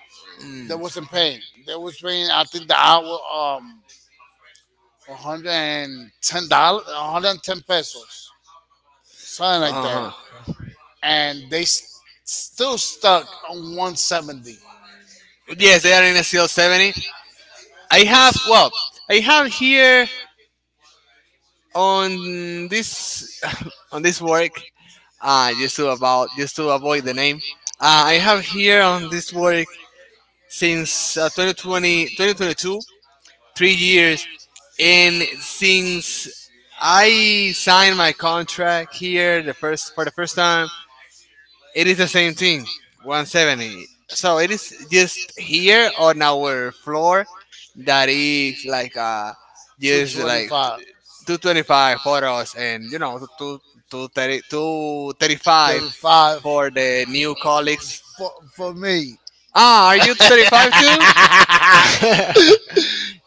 Speaker 1: They
Speaker 2: Mm.
Speaker 1: wasn't paying. They was paying, I think, the hour, um $110, 110 pesos. Something like that.
Speaker 2: Uh huh.
Speaker 1: And they still stuck on 170.
Speaker 2: Yes, they are in a CL 70. I
Speaker 1: This-
Speaker 2: have, well, I have here on this on this work. Just to about, just to avoid the name. I have here on this work since 2020, 3 years, and since I signed my contract here the first for the first time, it is the same thing, 170. So it is just here on our floor that is like just like
Speaker 1: 225,
Speaker 2: 225 for us, and you know, two thirty two thirty five for the new colleagues.
Speaker 1: for me.
Speaker 2: Ah, are you 235 too?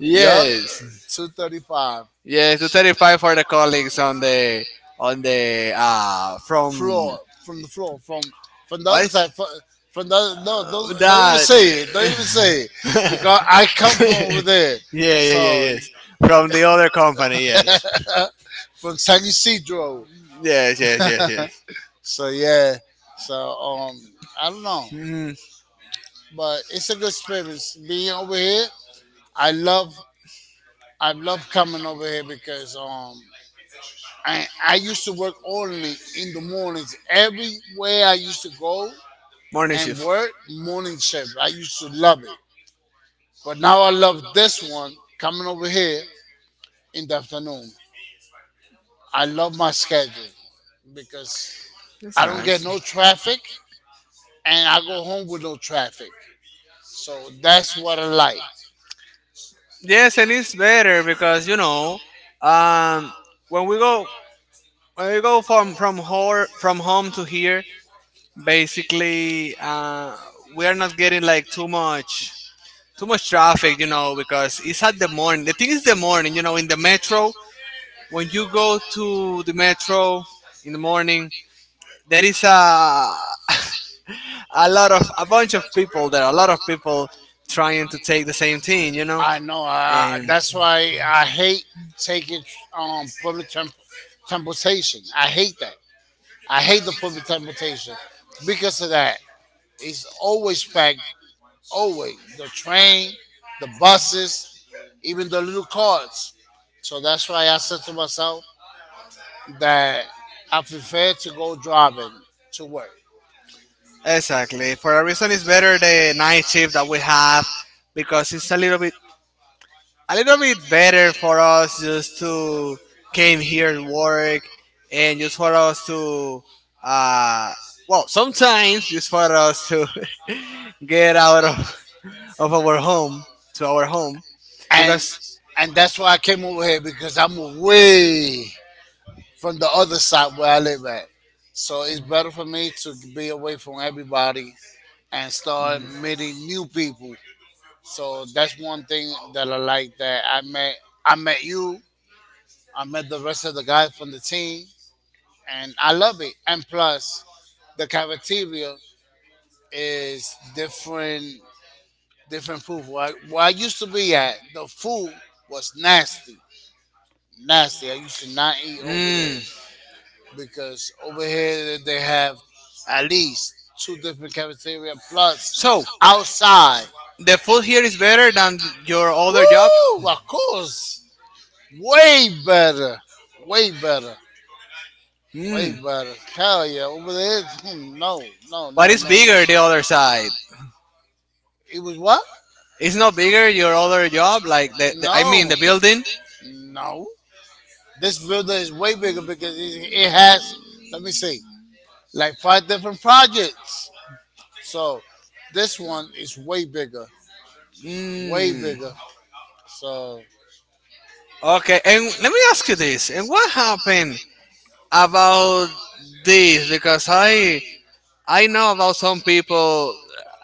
Speaker 1: Yeah, yep,
Speaker 2: Yes.
Speaker 1: 235.
Speaker 2: Yes, two
Speaker 1: So-
Speaker 2: thirty-five for the colleagues on the from,
Speaker 1: floor floor from the
Speaker 2: what
Speaker 1: other
Speaker 2: is
Speaker 1: side. From the other, no, don't even
Speaker 2: that?
Speaker 1: say it. Don't even say it, because I come from
Speaker 2: Yeah,
Speaker 1: over there.
Speaker 2: yeah,
Speaker 1: So
Speaker 2: yes. From the other company, yes,
Speaker 1: from San Isidro.
Speaker 2: yes, yes, yes, yes.
Speaker 1: So yeah, so, I don't know,
Speaker 2: Mhm.
Speaker 1: but it's a good experience being over here. I love I love coming over here because I used to work only in the mornings. Everywhere I used to go
Speaker 2: Morning
Speaker 1: and
Speaker 2: shift.
Speaker 1: work morning shift, I used to love it, but now I love this one coming over here in the afternoon. I love my schedule because
Speaker 2: It's
Speaker 1: I don't get
Speaker 2: nice.
Speaker 1: no traffic, and I go home with no traffic. So that's what I like.
Speaker 2: Yes, and it's better because you know, um, when we go, when we go from from home to here, basically, we are not getting like too much traffic, you know, because it's at the morning. The thing is, the morning, you know, in the metro, when you go to the metro in the morning, there is a a lot of, a bunch of people there, a lot of people trying to take the same thing, you know,
Speaker 1: I know.
Speaker 2: and
Speaker 1: That's why I hate taking public transportation. I hate that. I hate the public transportation because of that. It's always packed. Always the train, the buses, even the little cars. So that's why I said to myself that I prefer to go driving to work.
Speaker 2: exactly. For a reason, it's better the night shift that we have because it's a little bit, a little bit better for us just to came here to work and just for us to uh well, sometimes just for us to get out of our home to our home,
Speaker 1: And
Speaker 2: because
Speaker 1: and that's why I came over here because I'm away from the other side where I live at. So it's better for me to be away from everybody and start meeting new people. So that's one thing that I like, that I met you, I met the rest of the guys from the team, and I love it. And plus, the cafeteria is different, different food. Where I used to be at, the food was nasty, nasty. I used to not eat over there
Speaker 2: mm,
Speaker 1: because over here they have at least two different cafeteria plus
Speaker 2: so
Speaker 1: outside.
Speaker 2: the food here is better than your other job.
Speaker 1: Woo! Of course, way better, way better, way
Speaker 2: Hmm.
Speaker 1: better. Hell yeah, over there, no, no, no,
Speaker 2: What
Speaker 1: no,
Speaker 2: is
Speaker 1: no.
Speaker 2: bigger, the other side?
Speaker 1: It was what?
Speaker 2: It's not bigger your other job, like the I mean,
Speaker 1: No,
Speaker 2: the building.
Speaker 1: no. This building is way bigger because it has, let me see, like five different projects. So this one is way bigger, way
Speaker 2: Hmm.
Speaker 1: bigger. So,
Speaker 2: Okay, and let me ask you this: and what happened about this? Because I know about some people,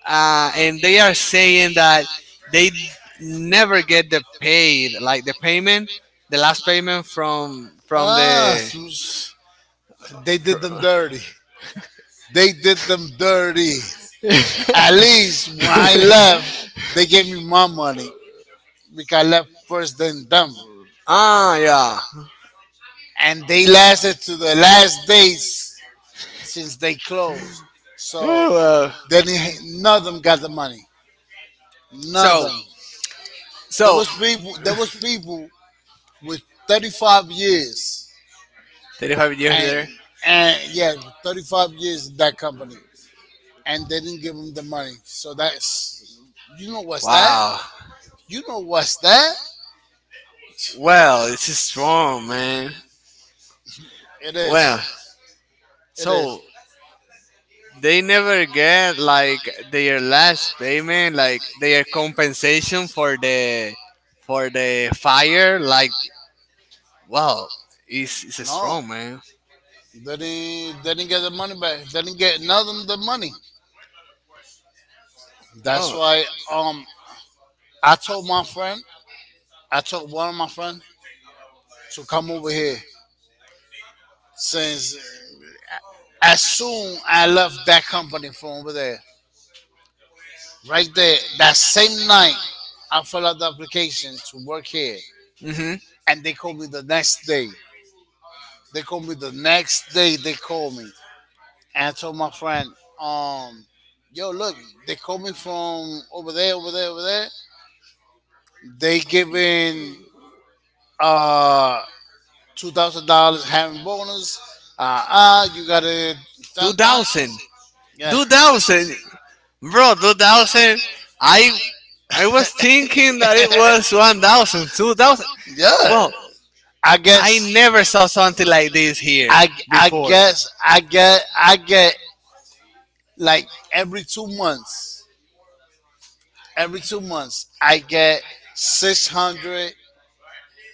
Speaker 2: and they are saying that they never get the paid, like the payment, the last payment from
Speaker 1: ah,
Speaker 2: the.
Speaker 1: they did them dirty. They did them dirty. At least when I left, they gave me my money because I left first than them,
Speaker 2: Ah, yeah.
Speaker 1: and they lasted to the last days since they closed. So
Speaker 2: Oh, wow.
Speaker 1: they didn't, ha- none of them got the money. None of
Speaker 2: So,
Speaker 1: them. There
Speaker 2: so,
Speaker 1: was people. There was people with 35 years,
Speaker 2: 35 years
Speaker 1: and
Speaker 2: there.
Speaker 1: and yeah, 35 years in that company, and they didn't give them the money. So that's you know what's that?
Speaker 2: Wow.
Speaker 1: You know what's that?
Speaker 2: Well, this is strong, man.
Speaker 1: It is.
Speaker 2: Well,
Speaker 1: It is.
Speaker 2: so they never get like their last payment, like their compensation for the fire. Like, wow, it's
Speaker 1: No,
Speaker 2: strong, man.
Speaker 1: they didn't. They didn't get the money back. They didn't get, none of them, the money. That's
Speaker 2: Well,
Speaker 1: why, um I told my friend I told one of my friends to come over here since as soon I left that company from over there, right there, that same night, I filled out the application to work here.
Speaker 2: mm-hmm.
Speaker 1: And they called me the next day. They called me the next day. They called me. And I told my friend, um, yo, look, they called me from over there, over there, over there. They giving uh $2,000 having bonus. You gotta
Speaker 2: two
Speaker 1: dun, dun. two
Speaker 2: thousand,
Speaker 1: thousand. Yeah.
Speaker 2: 2,000. Bro, 2000. I I
Speaker 1: It
Speaker 2: was
Speaker 1: was easy,
Speaker 2: thinking
Speaker 1: it
Speaker 2: that it was
Speaker 1: was
Speaker 2: one
Speaker 1: one
Speaker 2: thousand,
Speaker 1: thousand.
Speaker 2: two
Speaker 1: two
Speaker 2: thousand.
Speaker 1: thousand. Yeah.
Speaker 2: Well,
Speaker 1: I
Speaker 2: I
Speaker 1: guess I
Speaker 2: never
Speaker 1: never
Speaker 2: saw
Speaker 1: saw
Speaker 2: something
Speaker 1: it
Speaker 2: like
Speaker 1: like
Speaker 2: this
Speaker 1: this.
Speaker 2: here
Speaker 1: I
Speaker 2: before.
Speaker 1: guess I get like every 2 months. Every 2 months I get six hundred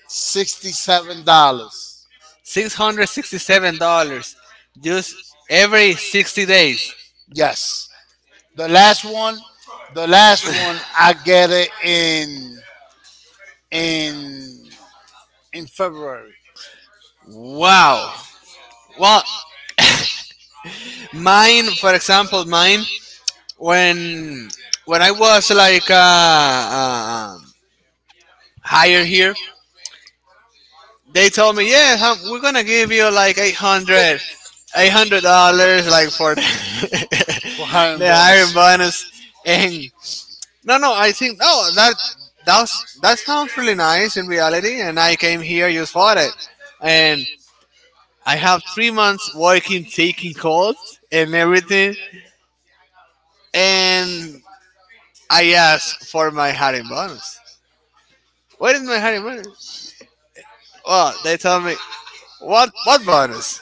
Speaker 1: sixty seven dollars.
Speaker 2: $667 just every 60 days.
Speaker 1: Yes. The last one the last one I get it in in February
Speaker 2: Wow. Well, mine, for example, mine when when I was like hired here, they told me, yeah, hum, we're gonna give you like 800, $800, like for the,
Speaker 1: for hiring
Speaker 2: the hiring
Speaker 1: bonus.
Speaker 2: bonus. And no, no, I think oh that, that was, that sounds really nice in reality. And I came here just for it, and I have 3 months working, taking calls and everything. And I asked for my hiring bonus. Where is my hiring bonus? Well, they told me what bonus?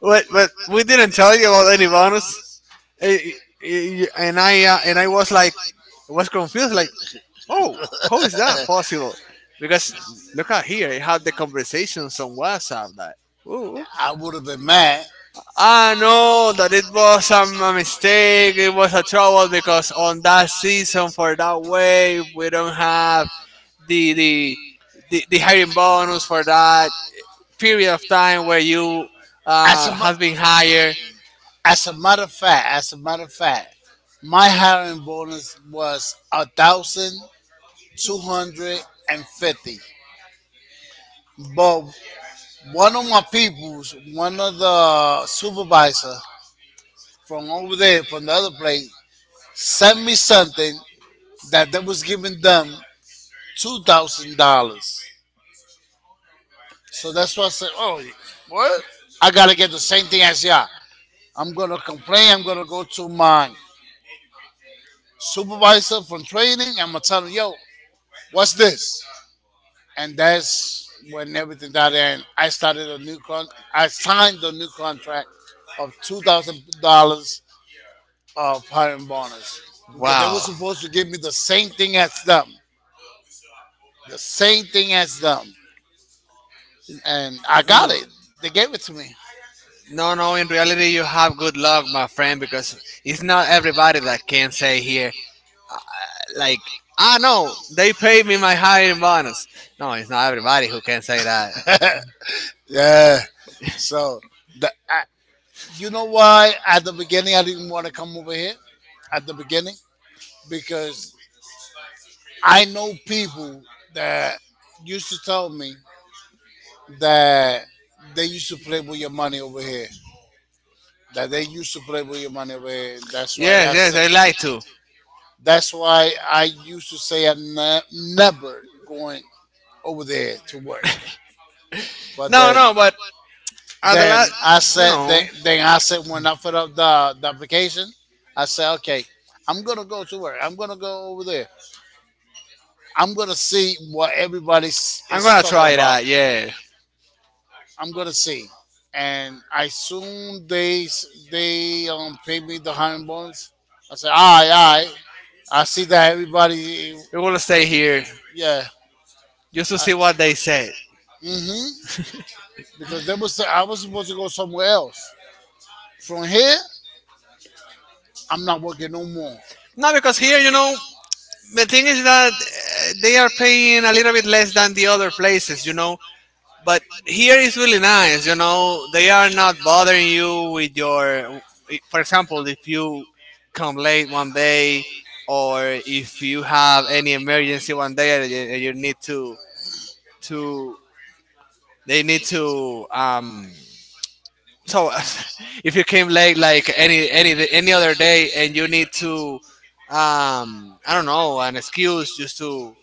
Speaker 2: But we didn't tell you about any bonus. Eh, and I was like, was confused. Like, oh, how is that possible? Because look at here, I had the conversations on WhatsApp that. Ooh.
Speaker 1: I would have been mad.
Speaker 2: I know that it was a mistake. It was a trouble because on that season for that wave we don't have the the the hiring bonus for that period of time where you
Speaker 1: As a, ma-
Speaker 2: has been hired.
Speaker 1: as a matter of fact, as a matter of fact, my hiring bonus was 1,250. But one of my peoples, one of the supervisor from over there, from the other place, sent me something that they was giving them $2,000. So that's why I said, oh, what? I gotta get the same thing as y'all. I'm gonna complain. I'm gonna go to my supervisor from training. I'm gonna tell him, yo, what's this? And that's when everything got in. I started a new con. I signed the new contract of $2,000 of hiring bonus because they were
Speaker 2: Wow,
Speaker 1: supposed to give me the same thing as them, the same thing as them, and I got
Speaker 2: no,
Speaker 1: it. They gave it to me.
Speaker 2: no, no. In reality, you have good luck, my friend, because it's not everybody that can say here like, ah, no, they paid me my hiring bonus. No, it's not everybody who can say that.
Speaker 1: Yeah. So the I, you know why? At the beginning, I didn't want to come over here. At the beginning, because I know people that used to tell me that they used to play with your money over here. That they used to play with your money over here. That's why
Speaker 2: Yes,
Speaker 1: I
Speaker 2: yes,
Speaker 1: said.
Speaker 2: I like to.
Speaker 1: That's why I used to say I'm never going over there to work. But
Speaker 2: No,
Speaker 1: then.
Speaker 2: no, but at the
Speaker 1: Then
Speaker 2: last,
Speaker 1: I
Speaker 2: you
Speaker 1: said, then,
Speaker 2: know,
Speaker 1: then I said, when I put up the application, I said, okay, I'm gonna go to work. I'm gonna go over there. I'm gonna see what everybody
Speaker 2: I'm
Speaker 1: is
Speaker 2: gonna
Speaker 1: talking
Speaker 2: try
Speaker 1: about.
Speaker 2: that. Yeah,
Speaker 1: I'm gonna see, and I soon they pay me the hundred bonus. I said, all right, all right. I see that everybody,
Speaker 2: we will stay here
Speaker 1: yeah.
Speaker 2: just to
Speaker 1: I,
Speaker 2: see what they said.
Speaker 1: hmm Because they was I was supposed to go somewhere else. From here, I'm not working no more.
Speaker 2: Not because here, you know, the thing is that they are paying a little bit less than the other places, you know. But here is really nice, you know. They are not bothering you with your, eh, for example, if you come late one day, or if you have any emergency one day, and you need to to they need to um. So if you came late like any other day, and you need to um, I don't know, an excuse just to...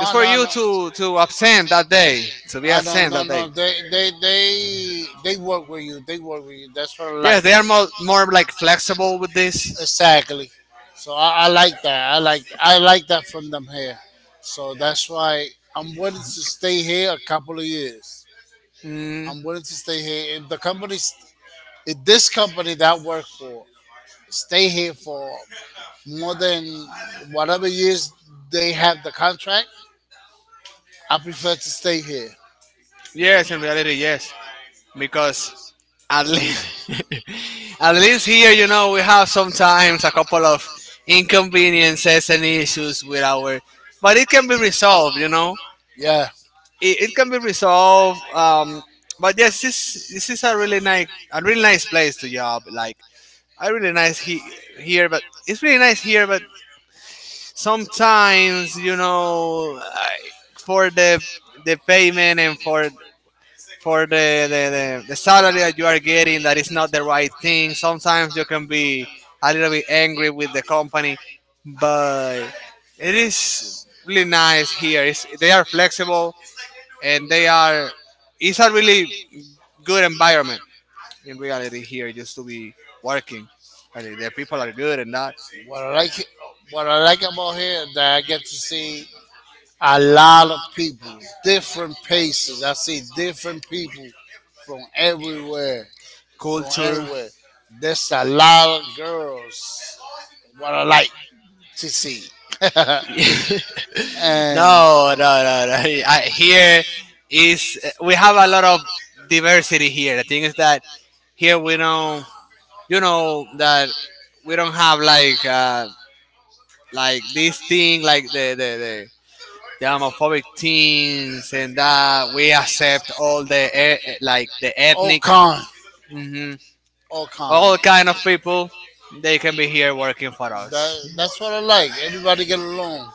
Speaker 2: It's for
Speaker 1: no,
Speaker 2: you
Speaker 1: no.
Speaker 2: to absent that day, to be
Speaker 1: I don't
Speaker 2: absent
Speaker 1: no,
Speaker 2: that day.
Speaker 1: No, they work with you. They work with you. That's what I like.
Speaker 2: Yes, they are more like flexible with this.
Speaker 1: Exactly. So I like that. I like that from them here. So that's why I'm willing to stay here a couple of years.
Speaker 2: Mm,
Speaker 1: I'm willing to stay here. If the company, if this company that I work for, stay here for more than whatever years they have the contract, I prefer to stay here.
Speaker 2: yes, in reality, yes, because at least at least here, you know, we have sometimes a couple of inconveniences and issues with our, but it can be resolved, you know.
Speaker 1: Yeah,
Speaker 2: It can be resolved. But yes, this is a really nice place to job. Like, I really nice he, here, but it's really nice here, but sometimes you know I, for the payment and for the, the salary that you are getting that is not the right thing. Sometimes you can be a little bit angry with the company, but it is really nice here. It's, they are flexible and they are, it's a really good environment in reality here, just to be working and the people are good and that
Speaker 1: what I like what I like about here is that I get to see a lot of people, different places. I see different people from everywhere, from
Speaker 2: culture.
Speaker 1: everywhere. There's a lot of girls. What I like to see,
Speaker 2: No. I, here is we have a
Speaker 1: and
Speaker 2: lot of diversity here. The thing is that here we don't, you know, that we don't have like this thing, like the homophobic things and that. We accept all the like the ethnic,
Speaker 1: Ocon.
Speaker 2: hmm,
Speaker 1: Ocon.
Speaker 2: all kind of people. They can be here working for
Speaker 1: That,
Speaker 2: us.
Speaker 1: that's what I like. Everybody get along.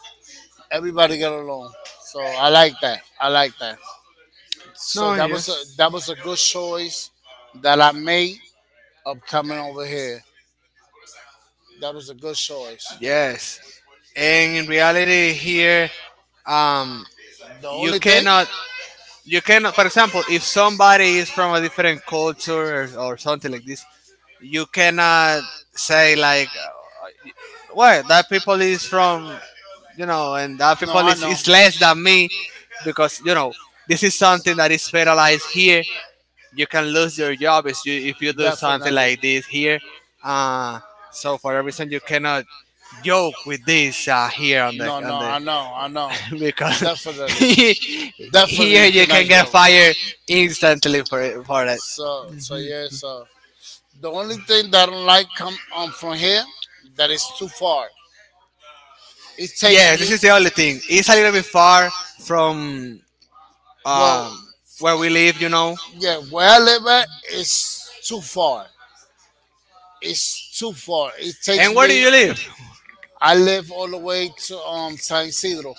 Speaker 1: Everybody get along. So I like that. I like that. So
Speaker 2: No,
Speaker 1: that was a
Speaker 2: yes,
Speaker 1: that was a good choice that I made of coming over here. That was a good choice.
Speaker 2: yes, and in reality here, um,
Speaker 1: The
Speaker 2: you
Speaker 1: only thing.
Speaker 2: cannot you cannot, for example, if somebody is from a different culture or something like this, you cannot say like what that people is from, you know, and that
Speaker 1: No,
Speaker 2: people
Speaker 1: I know.
Speaker 2: is less than me, because you know this is something that is federalized here. You can lose your job if if you do something
Speaker 1: Definitely.
Speaker 2: like this here. Uh, so for a reason you cannot joke with this here on the
Speaker 1: No, no, I know, I know.
Speaker 2: because
Speaker 1: Definitely.
Speaker 2: he,
Speaker 1: Definitely
Speaker 2: here
Speaker 1: you
Speaker 2: you can
Speaker 1: cannot
Speaker 2: get
Speaker 1: go.
Speaker 2: fired instantly for for it.
Speaker 1: So, yeah, so the only thing that I don't like come from here that is too far. It takes
Speaker 2: Yeah, this
Speaker 1: me.
Speaker 2: is the only thing. It's a little bit far from
Speaker 1: Well,
Speaker 2: um, where we live, you know.
Speaker 1: yeah, where I live at is too far. It's too far. It takes
Speaker 2: And where do
Speaker 1: me.
Speaker 2: you live?
Speaker 1: I live all the way to San Isidro.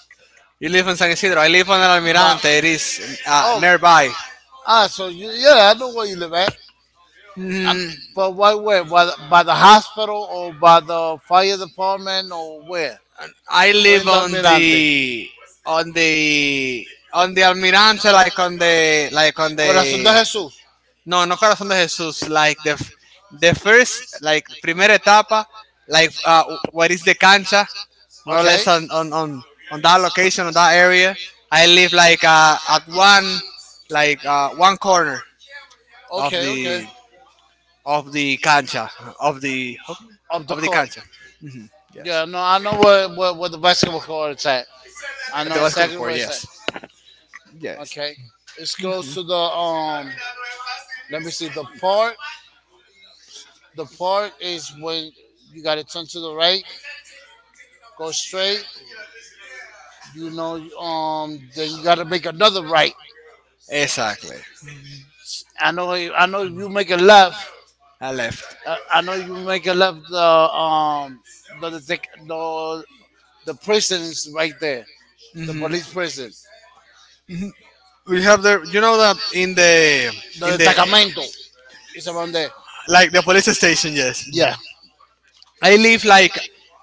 Speaker 2: You live in San Isidro. I live on El
Speaker 1: But
Speaker 2: Almirante. It is
Speaker 1: oh,
Speaker 2: nearby.
Speaker 1: so you, yeah, I know where you live at. I
Speaker 2: Mm,
Speaker 1: But why? Where? By the hospital or by the fire department or where?
Speaker 2: I
Speaker 1: Where in
Speaker 2: live
Speaker 1: the
Speaker 2: on
Speaker 1: Almirante?
Speaker 2: the on the on the Almirante, like on the
Speaker 1: Corazón de Jesús.
Speaker 2: No, no Corazón de Jesús. Like the first, like primera etapa, like what is the cancha, more or
Speaker 1: Okay.
Speaker 2: less on on, on that location, on that area. I live like at one, like one corner of
Speaker 1: Okay. Okay.
Speaker 2: the of the cancha of the
Speaker 1: Of the
Speaker 2: of the
Speaker 1: court.
Speaker 2: cancha. Hmm. Yes,
Speaker 1: Yeah. No, I know where the basketball court is at. I
Speaker 2: at
Speaker 1: know
Speaker 2: the basketball
Speaker 1: exactly
Speaker 2: court.
Speaker 1: where it's
Speaker 2: Yes,
Speaker 1: at.
Speaker 2: yes,
Speaker 1: Okay. It's close to the Let me see the park. The park is when you gotta turn to the right, go straight. You know, then you gotta make another right.
Speaker 2: exactly.
Speaker 1: I know. I know. If you make a left,
Speaker 2: I left.
Speaker 1: I know you make a left. The the the, the the prison is right there. The
Speaker 2: Hmm.
Speaker 1: police prison.
Speaker 2: We have the, you know, that in the in
Speaker 1: The
Speaker 2: the
Speaker 1: destacamento is around there.
Speaker 2: like the police station, yes.
Speaker 1: Yeah,
Speaker 2: I live like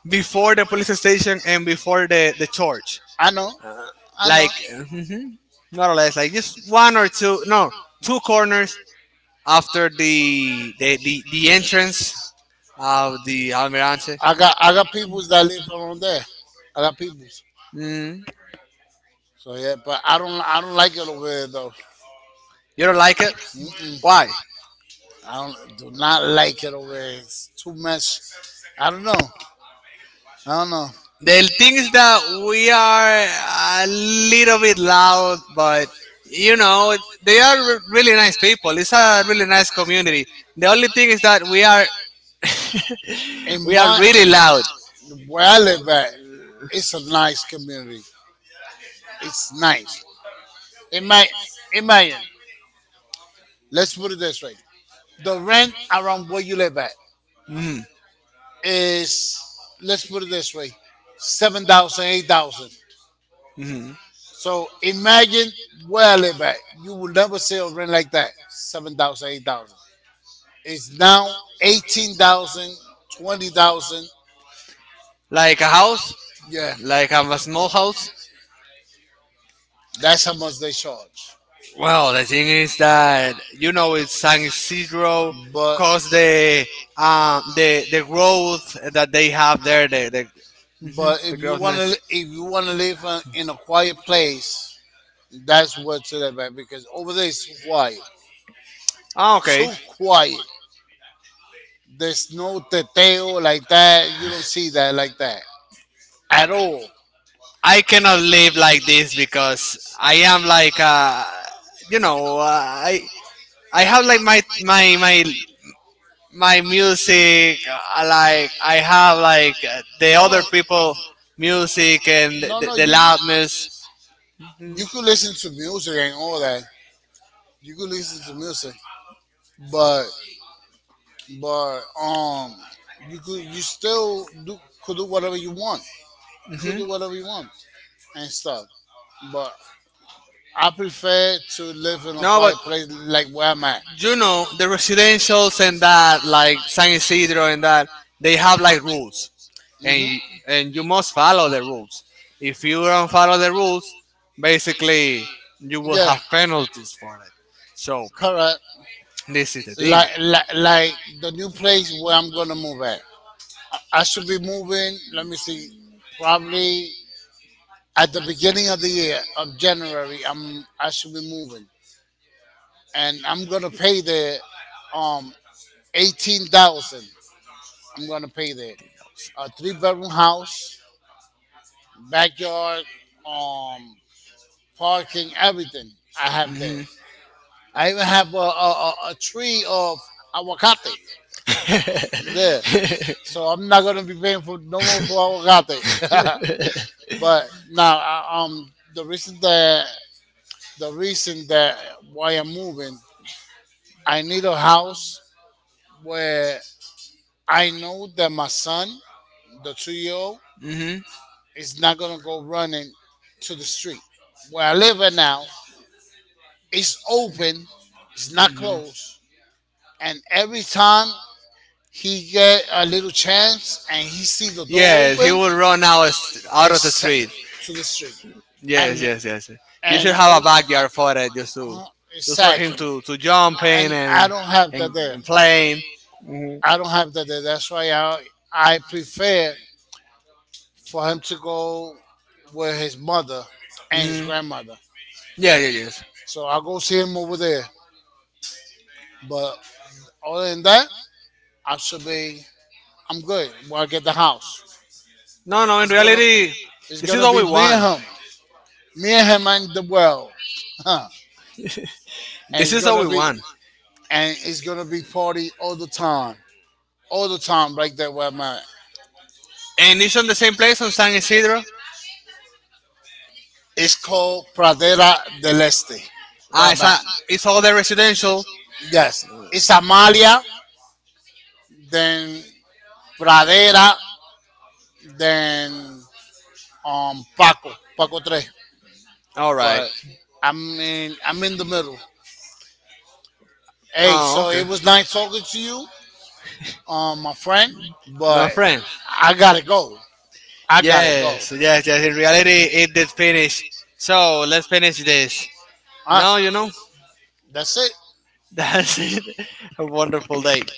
Speaker 2: before the police station and before the church,
Speaker 1: I know. I know.
Speaker 2: like mhm, more or less like just one or two no two corners after the entrance of the almirante.
Speaker 1: I got peoples that live around there. I got peoples.
Speaker 2: Mm,
Speaker 1: So yeah, but I don't like it over there though.
Speaker 2: you don't like it,
Speaker 1: Mm-mm.
Speaker 2: why?
Speaker 1: I don't do not like it over there. It's too much. I don't know. I don't know.
Speaker 2: The thing is that we are a little bit loud, but you know they are really nice people. It's a really nice community. The only thing is that we are
Speaker 1: In
Speaker 2: we are
Speaker 1: my
Speaker 2: really loud.
Speaker 1: Where I live at, it's a nice community. It's nice. Imagine, imagine. Let's put it this way: the rent around where you live at
Speaker 2: Mhm,
Speaker 1: is, let's put it this way, 7,000, 8,000.
Speaker 2: mhm.
Speaker 1: So imagine where I live at. You will never see a rent like that, 7,000, 8,000. It's now 18,000, 20,000.
Speaker 2: Like a house,
Speaker 1: Yeah,
Speaker 2: like a small house.
Speaker 1: that's how much they charge.
Speaker 2: Well, the thing is that you know it's San Isidro,
Speaker 1: But
Speaker 2: cause the um, growth that they have there, the, hmm,
Speaker 1: but
Speaker 2: the
Speaker 1: if you want to
Speaker 2: grossness.
Speaker 1: if you want to live in a quiet place, that's what you live at because over there it's too quiet,
Speaker 2: Ah, okay,
Speaker 1: too quiet. There's no teteo like that. You don't see that like that at all.
Speaker 2: I cannot live like this because I am like uh, you know I have like my music like I have like the other
Speaker 1: No,
Speaker 2: people music and
Speaker 1: no, no.
Speaker 2: the
Speaker 1: You could
Speaker 2: loudness. Hmm.
Speaker 1: you could listen to music and all that. You could listen to music, but but um, you could you still do could do whatever you want. You could do whatever you want and stuff. But I prefer to live in a
Speaker 2: No, but
Speaker 1: quiet place like where I'm at.
Speaker 2: you know the residentials and that, like San Isidro and that, they have like rules,
Speaker 1: Hmm
Speaker 2: and you must follow the rules. If
Speaker 1: If
Speaker 2: you don't follow the rules, basically you will
Speaker 1: Yeah,
Speaker 2: have penalties for it. So
Speaker 1: correct.
Speaker 2: this is the thing.
Speaker 1: Like the new place where I'm gonna move at. I should be moving. Let me see, probably at the beginning of the year of January. I should be moving, and I'm gonna pay there, um, 18,000. I'm gonna pay there. A three-bedroom house, backyard, um, parking, everything I
Speaker 2: Hmm,
Speaker 1: have there.
Speaker 2: hmm.
Speaker 1: I even have a tree of aguacate there. So I'm not gonna be paying for no more for aguacate. But now, the reason that why I'm moving, I need a house where I know that my son, the 2-year old, is not gonna go running to the street. Where I live at now, it's open, it's not closed, and every time he get a little chance and he see the door
Speaker 2: Yes, he
Speaker 1: open,
Speaker 2: will run out of out
Speaker 1: it's
Speaker 2: of the
Speaker 1: set
Speaker 2: street.
Speaker 1: to the street. And
Speaker 2: Yes, yes, yes. You
Speaker 1: and
Speaker 2: should have a backyard for it, just to
Speaker 1: Uh,
Speaker 2: just for him
Speaker 1: exactly.
Speaker 2: to jump in
Speaker 1: And I don't have that there.
Speaker 2: and playing. Hmm,
Speaker 1: I don't have that there. That's why I prefer for him to go with his mother and his
Speaker 2: hmm.
Speaker 1: grandmother.
Speaker 2: Yeah, yeah, yes.
Speaker 1: So I'll go see him over there. But other than that, I should be I'm good. When I get the house,
Speaker 2: No, no. In
Speaker 1: it's gonna
Speaker 2: reality,
Speaker 1: it's
Speaker 2: this is
Speaker 1: gonna
Speaker 2: what
Speaker 1: be
Speaker 2: we want.
Speaker 1: me and him and the world, huh? And
Speaker 2: This
Speaker 1: it's
Speaker 2: is what
Speaker 1: gonna
Speaker 2: we
Speaker 1: be
Speaker 2: want.
Speaker 1: and it's gonna be party all the time. All the time right there where I'm at.
Speaker 2: And it's on the same place on San Isidro.
Speaker 1: It's called Pradera del Este, where
Speaker 2: Ah,
Speaker 1: I'm
Speaker 2: it's, a,
Speaker 1: at.
Speaker 2: it's all the residential. All right. Oh, okay. My friend. Yes, yes, yes. In reality, it did finish. So let's finish this. Now you know. That's it. Have a wonderful day.